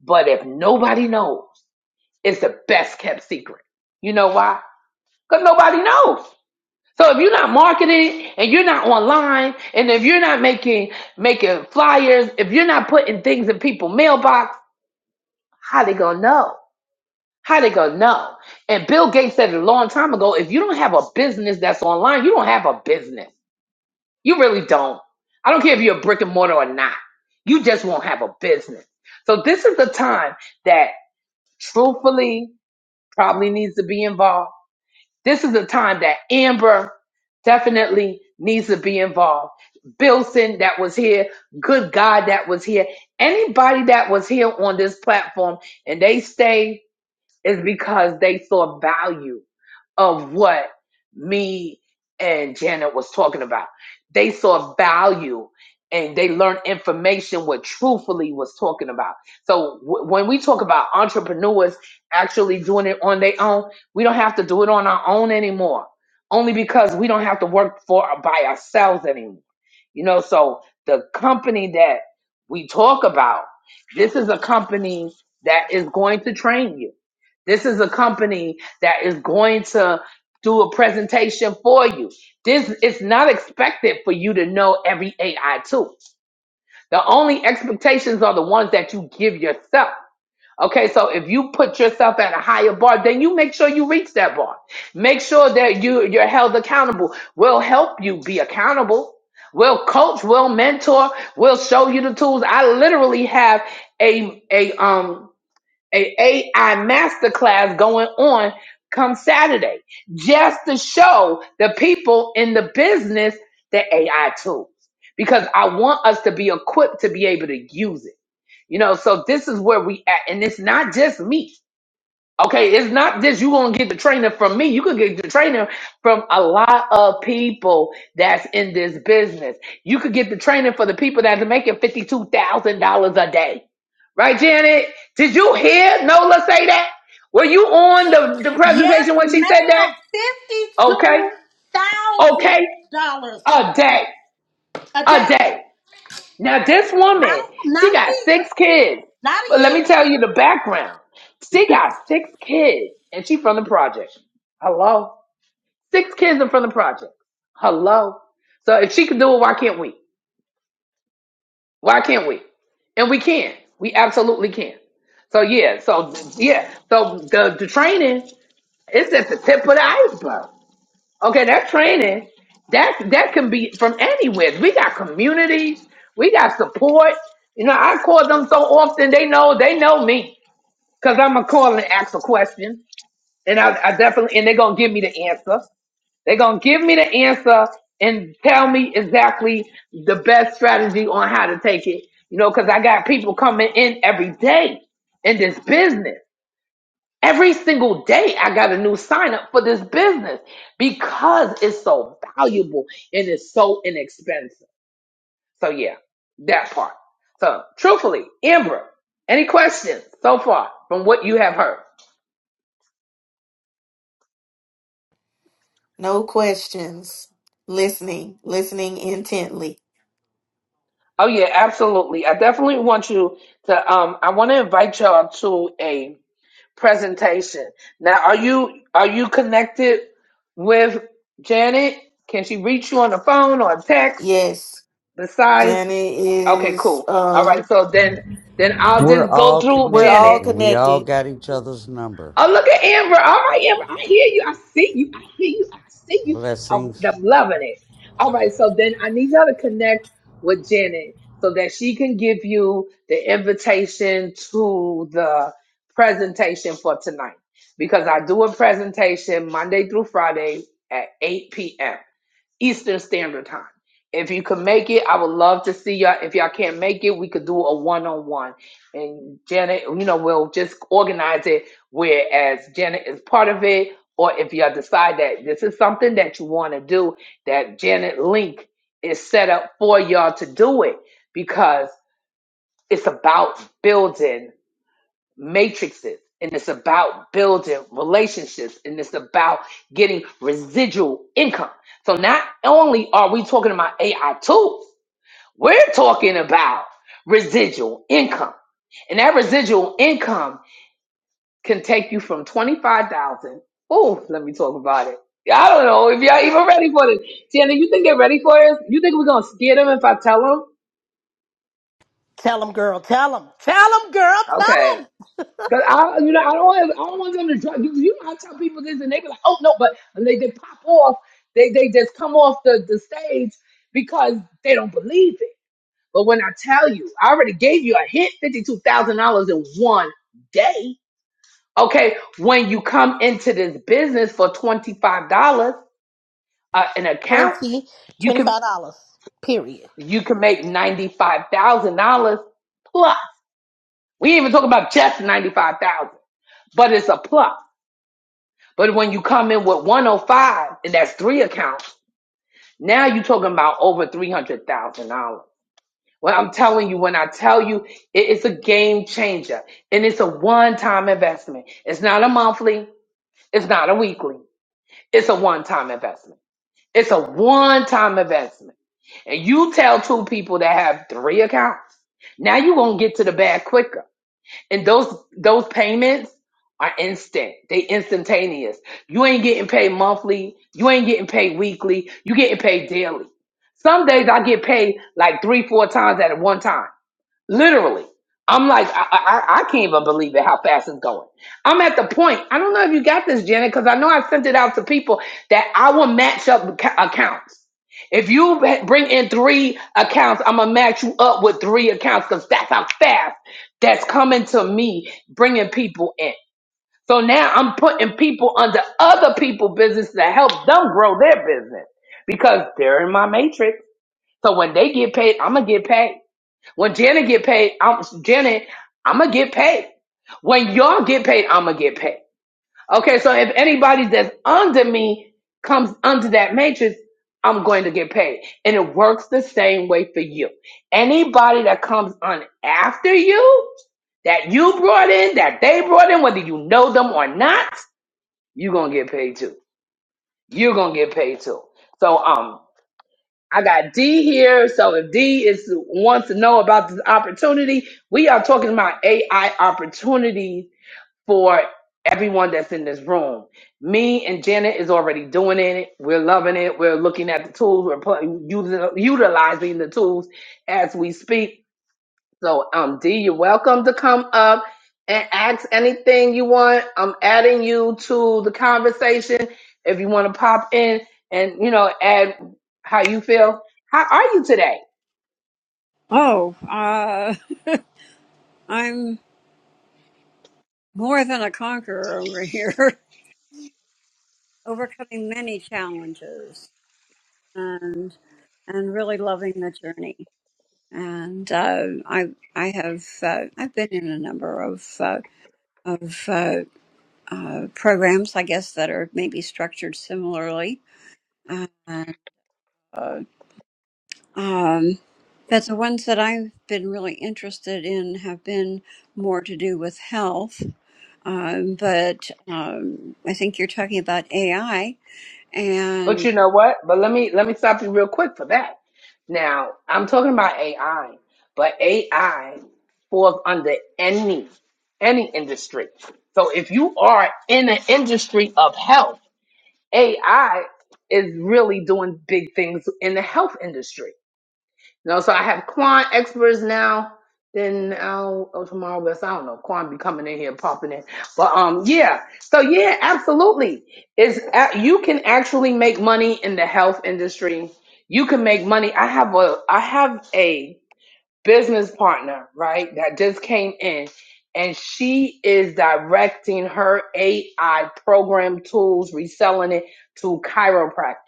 A: But if nobody knows, it's the best kept secret. You know why? Because nobody knows. So if you're not marketing and you're not online and if you're not making making flyers, if you're not putting things in people's mailbox, How they gonna know? How they gonna know? And Bill Gates said it a long time ago. If you don't have a business that's online, you don't have a business. You really don't. I don't care if you're a brick and mortar or not. You just won't have a business. So this is the time that truthfully probably needs to be involved. This is the time that Amber definitely needs to be involved. Bilson that was here, good God that was here. Anybody that was here on this platform and they stay is because they saw value of what me and Janet was talking about. They saw value and they learned information what truthfully was talking about. So w- when we talk about entrepreneurs actually doing it on their own, we don't have to do it on our own anymore. Only because we don't have to work for by ourselves anymore. You know, so the company that we talk about, this is a company that is going to train you. This is a company that is going to do a presentation for you. This it's not expected for you to know every AI tool. The only expectations are the ones that you give yourself. Okay, so if you put yourself at a higher bar, then you make sure you reach that bar. Make sure that you you're held accountable. We'll help you be accountable. We'll coach, we'll mentor, we'll show you the tools. I literally have a a um a AI masterclass going on come Saturday just to show the people in the business the AI tools because I want us to be equipped to be able to use it. You know, so this is where we at, and it's not just me. Okay, it's not just you gonna get the trainer from me. You can get the trainer from a lot of people that's in this business. You could get the trainer for the people that are making fifty-two thousand dollars a day. Right, Janet? Did you hear Nola say that? Were you on the, the
B: Yes,
A: presentation when she said that?
B: ma'am.
A: Okay.
B: Fifty-two thousand
A: Okay.
B: dollars a
A: A
B: day.
A: day.
B: A
A: A
B: day.
A: day. Now, this
B: Not
A: woman,
B: a, not
A: she
B: a
A: got
B: year.
A: six kids.
B: Not
A: But let
B: a
A: me
B: year.
A: tell you the background. She got six kids and she from the project. Hello? Six kids and from the project. Hello? So if she can do it, why can't we? Why can't we? And we can. We absolutely can. So yeah, so yeah, so the the training. It's at the tip of the iceberg. Okay, that training, that that can be from anywhere. We got communities, we got support. You know, I call them so often they know they know me because I'm gonna call and ask a question, and I, I definitely and they're gonna give me the answer. They're gonna give me the answer and tell me exactly the best strategy on how to take it. You know, because I got people coming in every day in this business. Every single day, I got a new sign up for this business because it's so valuable and it's so inexpensive. So, yeah, that part. So, truthfully, Amber, any questions so far from what you have heard?
D: No questions. Listening, listening intently.
A: Oh, yeah, absolutely. I definitely want you to, um, I want to invite y'all to a presentation. Now, are you, are you connected with Janet? Can she reach you on the phone or text
D: Yes.
A: besides?
D: Janet
A: Okay,
D: is
A: cool. All right,
D: um
A: so then then I'll
E: We're
A: just go
E: all
A: through
D: we're
E: connected
D: all
A: Janet.
E: and we all
D: connected.
E: got each other's number.
A: Oh, look at Amber. All right, Amber, I hear you. I see you. I hear you. I see you. I'm,
E: Blessings.
A: I'm loving it. All right, so then I need y'all to connect with Janet so that she can give you the invitation to the presentation for tonight because I do a presentation Monday through Friday at 8 p.m. Eastern Standard Time. If you could make it, I would love to see y'all. If y'all can't make it, we could do a one on one. And Janet, you know, we'll just organize it whereas Janet is part of it. Or if y'all decide that this is something that you want to do, that Janet link is set up for y'all to do it because it's about building matrices and it's about building relationships and it's about getting residual income. So not only are we talking about AI tools, we're talking about residual income. And that residual income can take you from 25,000. Oh, let me talk about it. I don't know if y'all even ready for this. Tiana, you think they're ready for this? You think we're going to scare them if I tell them?
B: Tell them, girl. Tell them. Tell them, girl. Tell
A: Okay.
B: them.
A: Cause I, you know, I don't, have, I don't want them to drop. You, you know, I tell people this, and they be like, "Oh no!" But and they they pop off. They they just come off the the stage because they don't believe it. But when I tell you, I already gave you a hit, fifty two thousand dollars in one day. Okay, when you come into this business for twenty five dollars uh, an account,
B: twenty
A: you
B: twenty
A: can
B: five dollars. Period.
A: you can make ninety five thousand dollars plus. We ain't even talking about just ninety five thousand, but it's a plus. But when you come in with 105, and that's three accounts, now you're talking about over $300,000. Well, I'm telling you, when I tell you, it- it's a game changer and it's a one time investment. It's not a monthly, it's not a weekly, it's a one time investment. It's a one time investment. And you tell two people that have three accounts, now you're going to get to the bag quicker. And those those payments are instant. They instantaneous. You ain't getting paid monthly. You ain't getting paid weekly. You getting paid daily. Some days I get paid like three, four times at one time. Literally. I'm like, I, I, I can't even believe it how fast it's going. I'm at the point, I don't know if you got this, Janet, because I know I sent it out to people that I will match up ac- accounts. If you b- bring in three accounts, I'm going to match you up with three accounts because that's how fast that's coming to me, bringing people in. So now I'm putting people under other people' business to help them grow their business because they're in my matrix. So when they get paid, I'm going to get paid. When Janet get paid, I'm Janet, I'ma get paid. When y'all get paid, I'ma get paid. Okay, so if anybody that's under me comes under that matrix, I'm going to get paid. And it works the same way for you. Anybody that comes on after you, that you brought in, that they brought in, whether you know them or not, you're gonna get paid too. You're gonna get paid too. So um I got D here. So if D is wants to know about this opportunity, we are talking about AI opportunities for everyone that's in this room. Me and Janet is already doing it. We're loving it. We're looking at the tools. We're putting using utilizing the tools as we speak so, um, D, you're welcome to come up and ask anything you want. I'm adding you to the conversation if you want to pop in and you know add how you feel. How are you today?
F: Oh, uh, I'm more than a conqueror over here, overcoming many challenges and and really loving the journey. And uh, I I have uh, I've been in a number of uh, of uh, uh, programs, I guess, that are maybe structured similarly. And, uh, um, but the ones that I've been really interested in have been more to do with health Um, but um, I think you're talking about AI,
A: But
F: and
A: you know what? But let me let me stop you real quick for that. Now, I'm talking about AI, but AI falls under any any industry. So if you are in the industry of health AI is really doing big things in the health industry. You know, so I have Quan experts now. Then I'll oh, tomorrow, but I don't know. Quan be coming in here, popping in, but um, yeah. So yeah, absolutely. Is you can actually make money in the health industry. You can make money. I have a I have a business partner, right, that just came in, and she is directing her AI program tools, reselling it to chiropractors.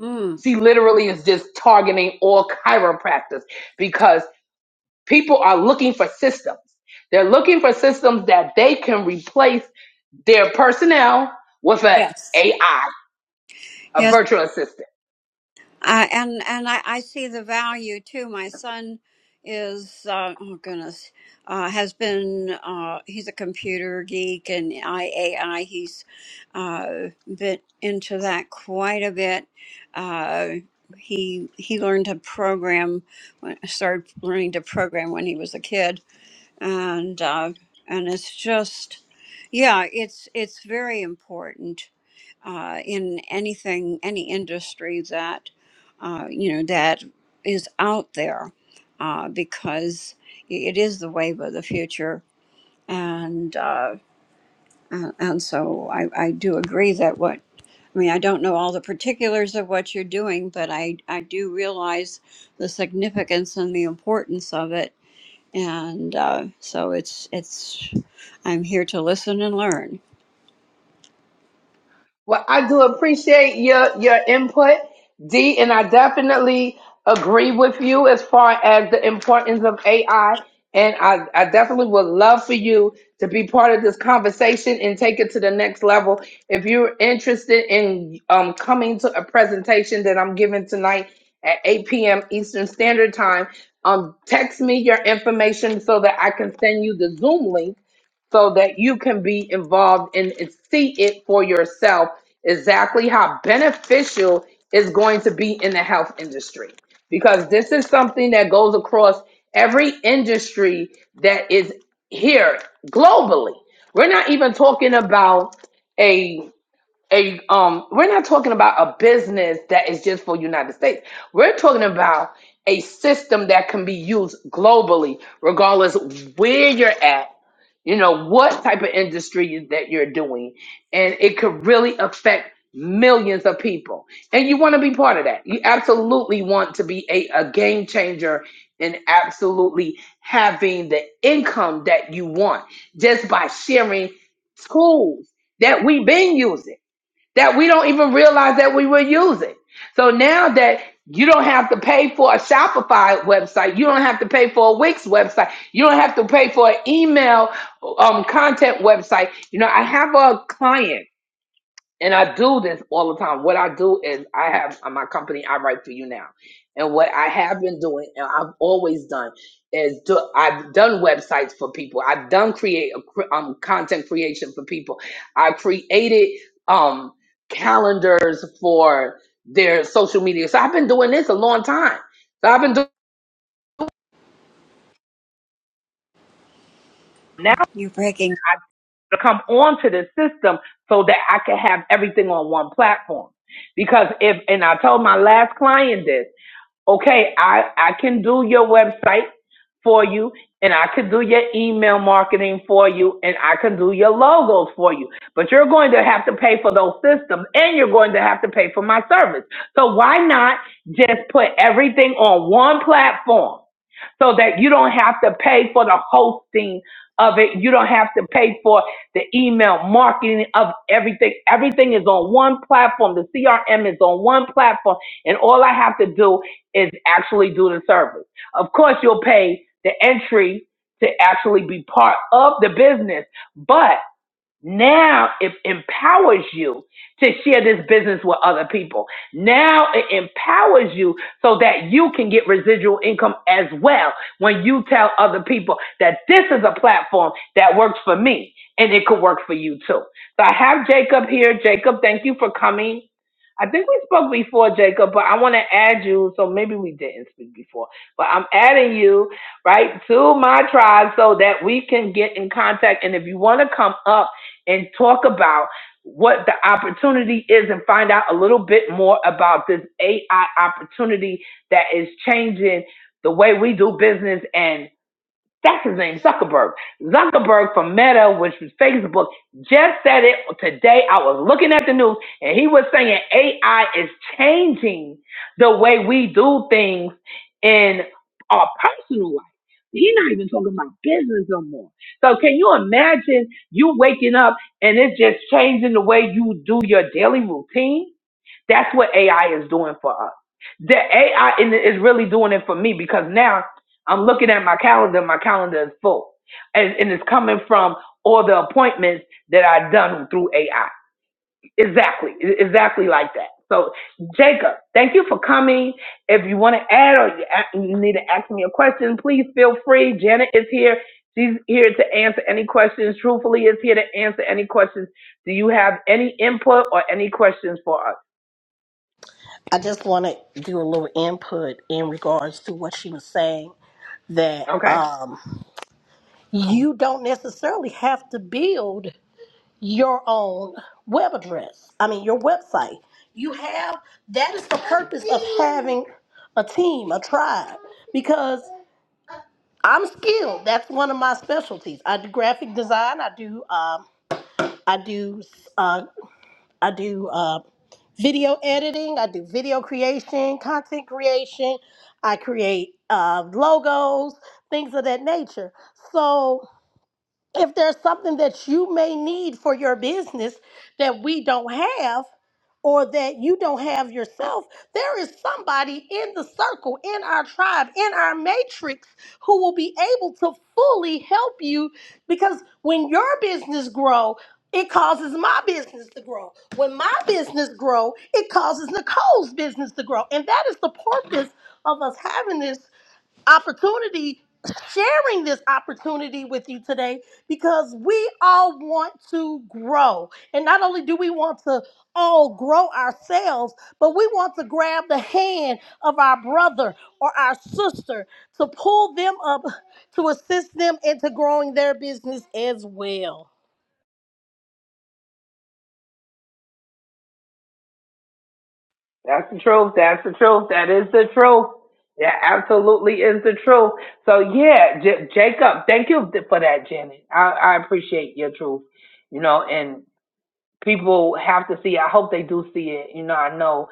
F: mm,
A: She literally is just targeting all chiropractors because people are looking for systems. They're looking for systems that they can replace their personnel with an
F: yes,
A: AI, a
F: yes,
A: virtual assistant.
F: uh, and and I, I see the value too. My son is uh, oh goodness, uh, has been uh, he's a computer geek and I AI. He's uh, been into that quite a bit. Uh, he he learned to program, when- started learning to program when he was a kid and uh, and it's just yeah it's it's very important uh, in anything any industry that uh, you know that is out there uh, because it is the wave of the future and uh, and, and so I, I do agree that what I mean, I don't know all the particulars of what you're doing, but I, I do realize the significance and the importance of it and uh, so it's it's I'm here to listen and learn.
A: Well, I do appreciate your your input, D, and I definitely agree with you as far as the importance of AI. And I, I definitely would love for you to be part of this conversation and take it to the next level. If you're interested in um, coming to a presentation that I'm giving tonight at 8 p.m. Eastern Standard Time, um, text me your information so that I can send you the Zoom link so that you can be involved and and see it for yourself exactly how beneficial is going to be in the health industry because this is something that goes across every industry that is here globally we're not even talking about a a um we're not talking about a business that is just for United States. We're talking about a system that can be used globally, regardless where you're at, you know, what type of industry you- that you're doing. And it could really affect millions of people. And you want to be part of that. You absolutely want to be a, a game changer and absolutely having the income that you want just by sharing tools that we've been using that we don't even realize that we were using. So now that you don't have to pay for a Shopify website, you don't have to pay for a Wix website, you don't have to pay for an email um, content website. You know, I have a client and I do this all the time. What I do is I have uh, my company, I write for you now. And what I have been doing and I've always done is do, I've done websites for people. I've done create um, content creation for people. I created um, calendars for their social media. So I've been doing this a long time. So I've been doing now
F: You're breaking
A: I to come onto the system so that I can have everything on one platform. Because if and I told my last client this Okay, I, I can do your website for you and I can do your email marketing for you and I can do your logos for you. But you're going to have to pay for those systems and you're going to have to pay for my service. So why not just put everything on one platform? so that you don't have to pay for the hosting of it. You don't have to pay for the email marketing of everything. Everything is on one platform. The CRM is on one platform. And all I have to do is actually do the service. Of course, you'll pay the entry to actually be part of the business, but now it empowers you to share this business with other people. Now it empowers you so that you can get residual income as well when you tell other people that this is a platform that works for me and it could work for you too. So I have Jacob here. Jacob, thank you for coming. I think we spoke before, Jacob, but I want to add you. So maybe we didn't speak before, but I'm adding you right to my tribe so that we can get in contact. And if you want to come up, and talk about what the opportunity is and find out a little bit more about this AI opportunity that is changing the way we do business and. That's his name, Zuckerberg. Zuckerberg from Meta, which was Facebook, just said it today. I was looking at the news and he was saying AI is changing the way we do things in our personal life. He's not even talking about business no more. So can you imagine you waking up and it's just changing the way you do your daily routine? That's what AI is doing for us. The AI in it is really doing it for me because now I'm looking at my calendar. My calendar is full, and, and it's coming from all the appointments that I've done through AI. Exactly, e- exactly like that. So, Jacob, thank you for coming. If you want to add or you a- you need to ask me a question, please feel free. Janet is here. She's here to answer any questions. Truthfully, is here to answer any questions. Do you have any input or any questions for us?
B: I just want to do a little input in regards to what she was saying that
A: Okay.
B: um, you don't necessarily have to build your own web address. I mean, your website. You have that is the purpose of having a team, a tribe, because I'm skilled. That's one of my specialties. I do graphic design. I do um, I do uh, I do uh, video editing, I do video creation, content creation, I create uh, logos, things of that nature. So if there's something that you may need for your business that we don't have or that you don't have yourself, there is somebody in the circle, in our tribe, in our matrix who will be able to fully help you because when your business grow, it causes my business to grow. When my business grow, it causes Nicole's business to grow. And that is the purpose of us having this opportunity, sharing this opportunity with you today because we all want to grow. And not only do we want to all grow ourselves, but we want to grab the hand of our brother or our sister to pull them up to assist them into growing their business as well.
A: That's the truth. That's the truth. That is the truth. That absolutely is the truth. So yeah, J- Jacob, thank you th- for that, Janet. I, I appreciate your truth. You know, and people have to see. I hope they do see it. You know, I know.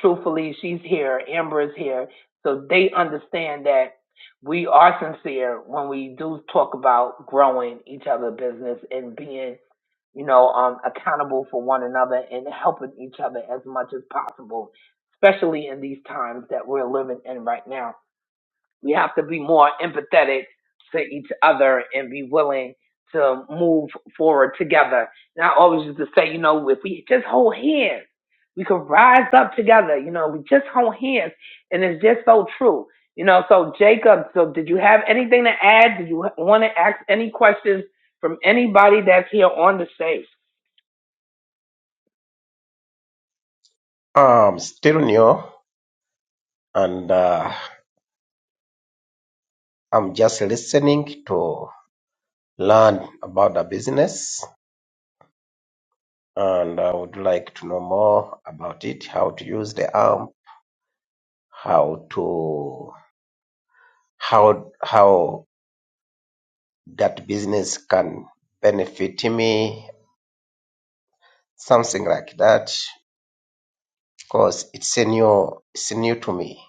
A: Truthfully, she's here. Amber is here, so they understand that we are sincere when we do talk about growing each other business and being you know, um, accountable for one another and helping each other as much as possible, especially in these times that we're living in right now. We have to be more empathetic to each other and be willing to move forward together. And I always used to say, you know, if we just hold hands, we could rise up together. You know, we just hold hands, and it's just so true. You know, so Jacob, so did you have anything to add? Did you want to ask any questions from anybody that's here on the stage?
G: I'm still new and uh, I'm just listening to learn about the business and I would like to know more about it, how to use the arm, how to how how that business can benefit me, something like that. Because it's a new it's new to me.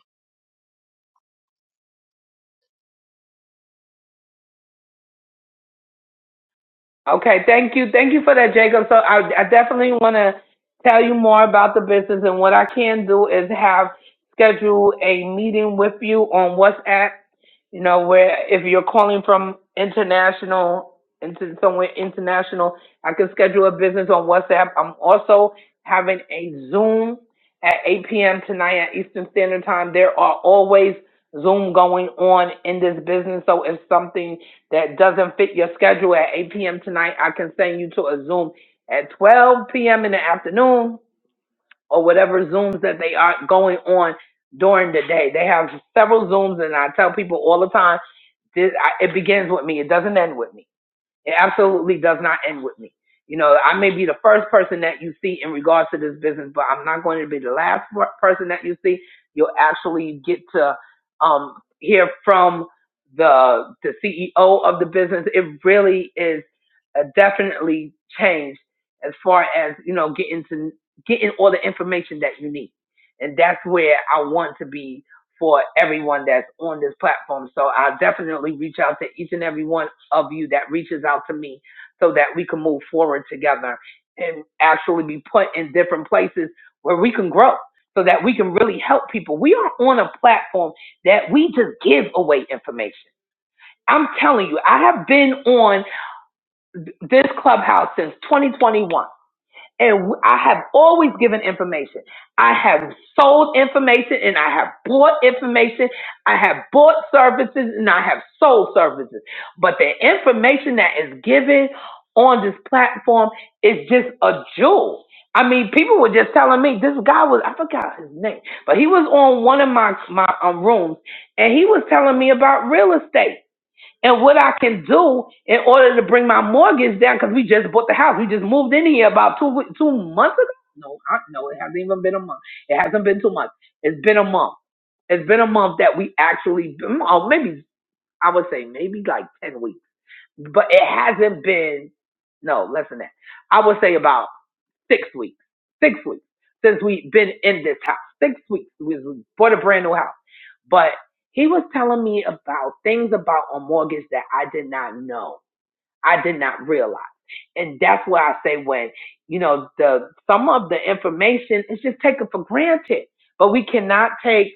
A: Okay, thank you. Thank you for that, Jacob. So I, I definitely want to tell you more about the business. And what I can do is have schedule a meeting with you on WhatsApp, you know, where if you're calling from international, into somewhere international, I can schedule a business on WhatsApp. I'm also having a Zoom at 8 p.m. tonight at Eastern Standard Time. There are always Zoom going on in this business. So it's something that doesn't fit your schedule at 8 p.m. tonight, I can send you to a Zoom at 12 p.m. in the afternoon or whatever Zooms that they are going on during the day. They have several Zooms, and I tell people all the time, this, I, it begins with me. It doesn't end with me. It absolutely does not end with me. You know, I may be the first person that you see in regards to this business, but I'm not going to be the last person that you see. You'll actually get to um, hear from the the CEO of the business. It really is a definitely changed as far as you know getting to getting all the information that you need, and that's where I want to be for everyone that's on this platform. So I'll definitely reach out to each and every one of you that reaches out to me so that we can move forward together and actually be put in different places where we can grow so that we can really help people. We are on a platform that we just give away information. I'm telling you, I have been on this clubhouse since 2021. And I have always given information. I have sold information and I have bought information. I have bought services and I have sold services. But the information that is given on this platform is just a jewel. I mean, people were just telling me this guy was, I forgot his name, but he was on one of my, my um, rooms and he was telling me about real estate and what I can do in order to bring my mortgage down because we just bought the house. We just moved in here about two wee- two months ago. No, I, no, it hasn't even been a month. It hasn't been two months. It's been a month. It's been a month that we actually, oh, maybe I would say maybe like ten weeks, but it hasn't been. No, less than that. I would say about Six weeks. Six weeks since we've been in this house. Six weeks. We bought a brand new house. But he was telling me about things about a mortgage that I did not know. I did not realize. And that's why I say when, you know, the some of the information is just taken for granted. But we cannot take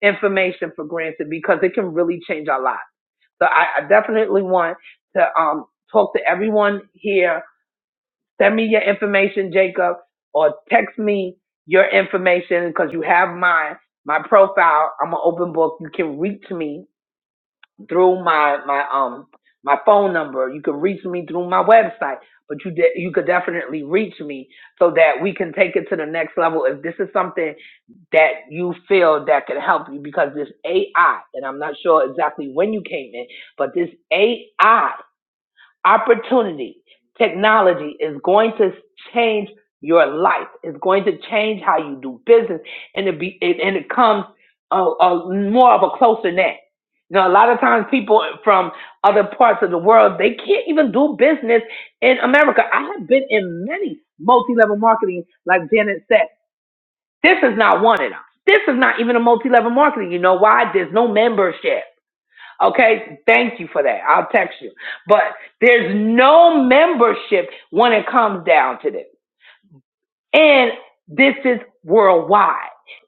A: information for granted because it can really change our lives. So I, I definitely want to um, talk to everyone here Send me your information, Jacob, or text me your information because you have mine. My profile. I'm an open book. You can reach me through my my um my phone number. You can reach me through my website. But you de- you could definitely reach me so that we can take it to the next level. If this is something that you feel that can help you, because this AI, and I'm not sure exactly when you came in, but this AI opportunity, technology is going to change your life. It's going to change how you do business, and it be it, and it comes a, a more of a closer net. You know, a lot of times people from other parts of the world they can't even do business in America. I have been in many multi-level marketing, like Janet said. This is not one of them. This is not even a multi-level marketing. You know why? There's no membership. Okay, thank you for that. I'll text you. But there's no membership when it comes down to this. And this is worldwide.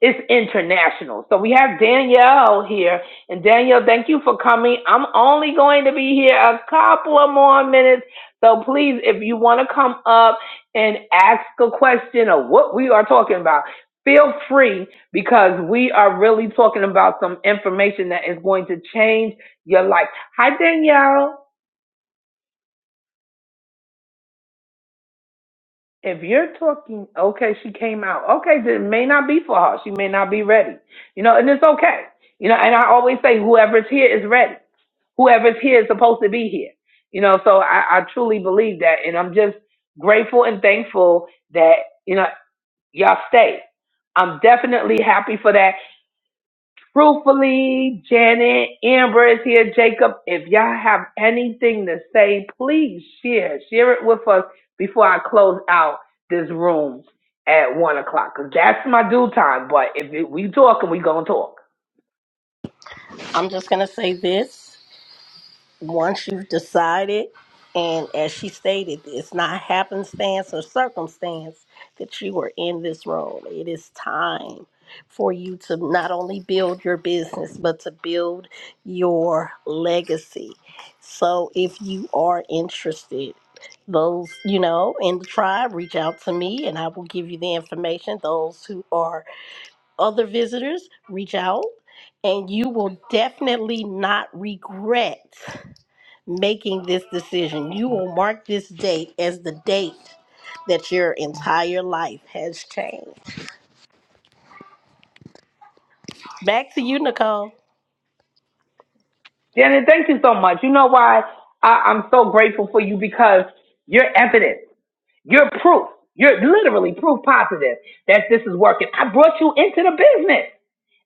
A: It's international. So we have Danielle here. And Danielle, thank you for coming. I'm only going to be here a couple of more minutes. So please, if you want to come up and ask a question of what we are talking about, feel free because we are really talking about some information that is going to change your life. Hi, Danielle. if you're talking, okay, she came out. Okay, then it may not be for her. She may not be ready. You know, and it's okay. You know, and I always say whoever's here is ready. Whoever's here is supposed to be here. You know, so I, I truly believe that. And I'm just grateful and thankful that, you know, y'all stayed. I'm definitely happy for that. Truthfully, Janet, Amber is here. Jacob, if y'all have anything to say, please share. Share it with us before I close out this room at one o'clock. Cause that's my due time. But if it, we talking, we gonna talk.
B: I'm just going to say this. once you've decided, and as she stated, it's not happenstance or circumstance that you are in this role. It is time for you to not only build your business, but to build your legacy. So if you are interested, those you know in the tribe reach out to me and i will give you the information those who are other visitors reach out and you will definitely not regret making this decision. You will mark this date as the date that your entire life has changed. Back to you, Nicole.
A: Janet, thank you so much. You know why I, I'm so grateful for you because you're evidence. You're proof. You're literally proof positive that this is working. I brought you into the business.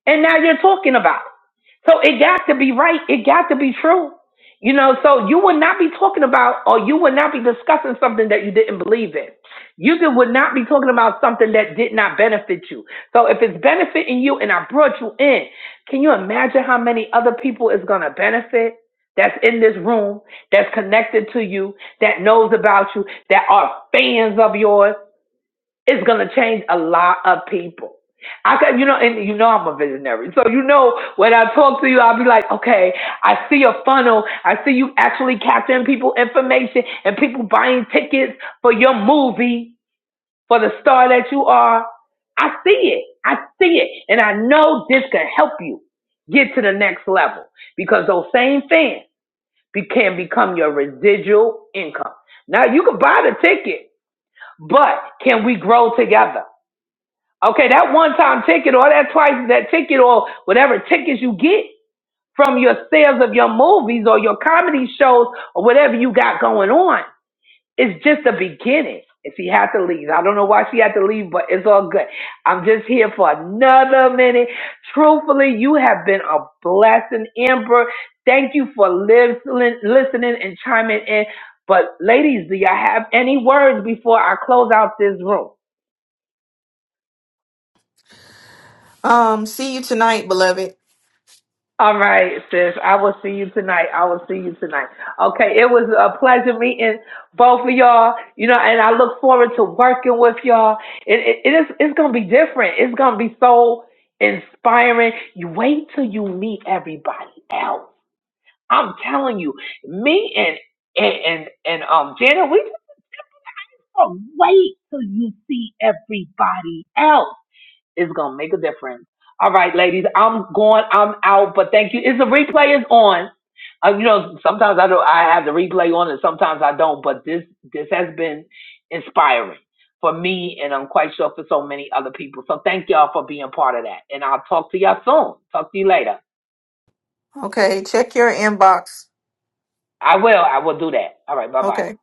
A: And now you're talking about it. So it got to be right. It got to be true. You know, so you would not be talking about or you would not be discussing something that you didn't believe in. You did- would not be talking about something that did not benefit you. So if it's benefiting you and I brought you in, can you imagine how many other people is going to benefit? That's in this room, that's connected to you, that knows about you, that are fans of yours, it's gonna change a lot of people. I got you know, and you know I'm a visionary. So you know when I talk to you, I'll be like, okay, I see a funnel. I see you actually capturing people information and people buying tickets for your movie for the star that you are. I see it. I see it, and I know this can help you get to the next level because those same fans be- can become your residual income. Now you can buy the ticket, but can we grow together? Okay, that one time ticket or that twice that ticket or whatever tickets you get from your sales of your movies or your comedy shows or whatever you got going on is just the beginning. And she had to leave. I don't know why she had to leave, but it's all good. I'm just here for another minute. Truthfully, you have been a blessing, Amber. Thank you for listening, listening and chiming in. But ladies, do y'all have any words before I close out this room?
D: Um see you tonight, beloved.
A: All right, sis. I will see you tonight. I will see you tonight. Okay, it was a pleasure meeting both of y'all. You know, and I look forward to working with y'all. It, it, it is. It's gonna be different. It's gonna be so inspiring. You wait till you meet everybody else. I'm telling you, me and and and, and um Janet, we just gonna wait till you see everybody else. It's gonna make a difference. All right, ladies, I'm going. I'm out. But thank you. Is the replay is on? Uh, you know, sometimes I don't. I have the replay on, and sometimes I don't. But this this has been inspiring for me, and I'm quite sure for so many other people. So thank y'all for being part of that. And I'll talk to y'all soon. Talk to you later.
D: Okay, check your inbox.
A: I will. I will do that. All right. Bye bye.
D: Okay.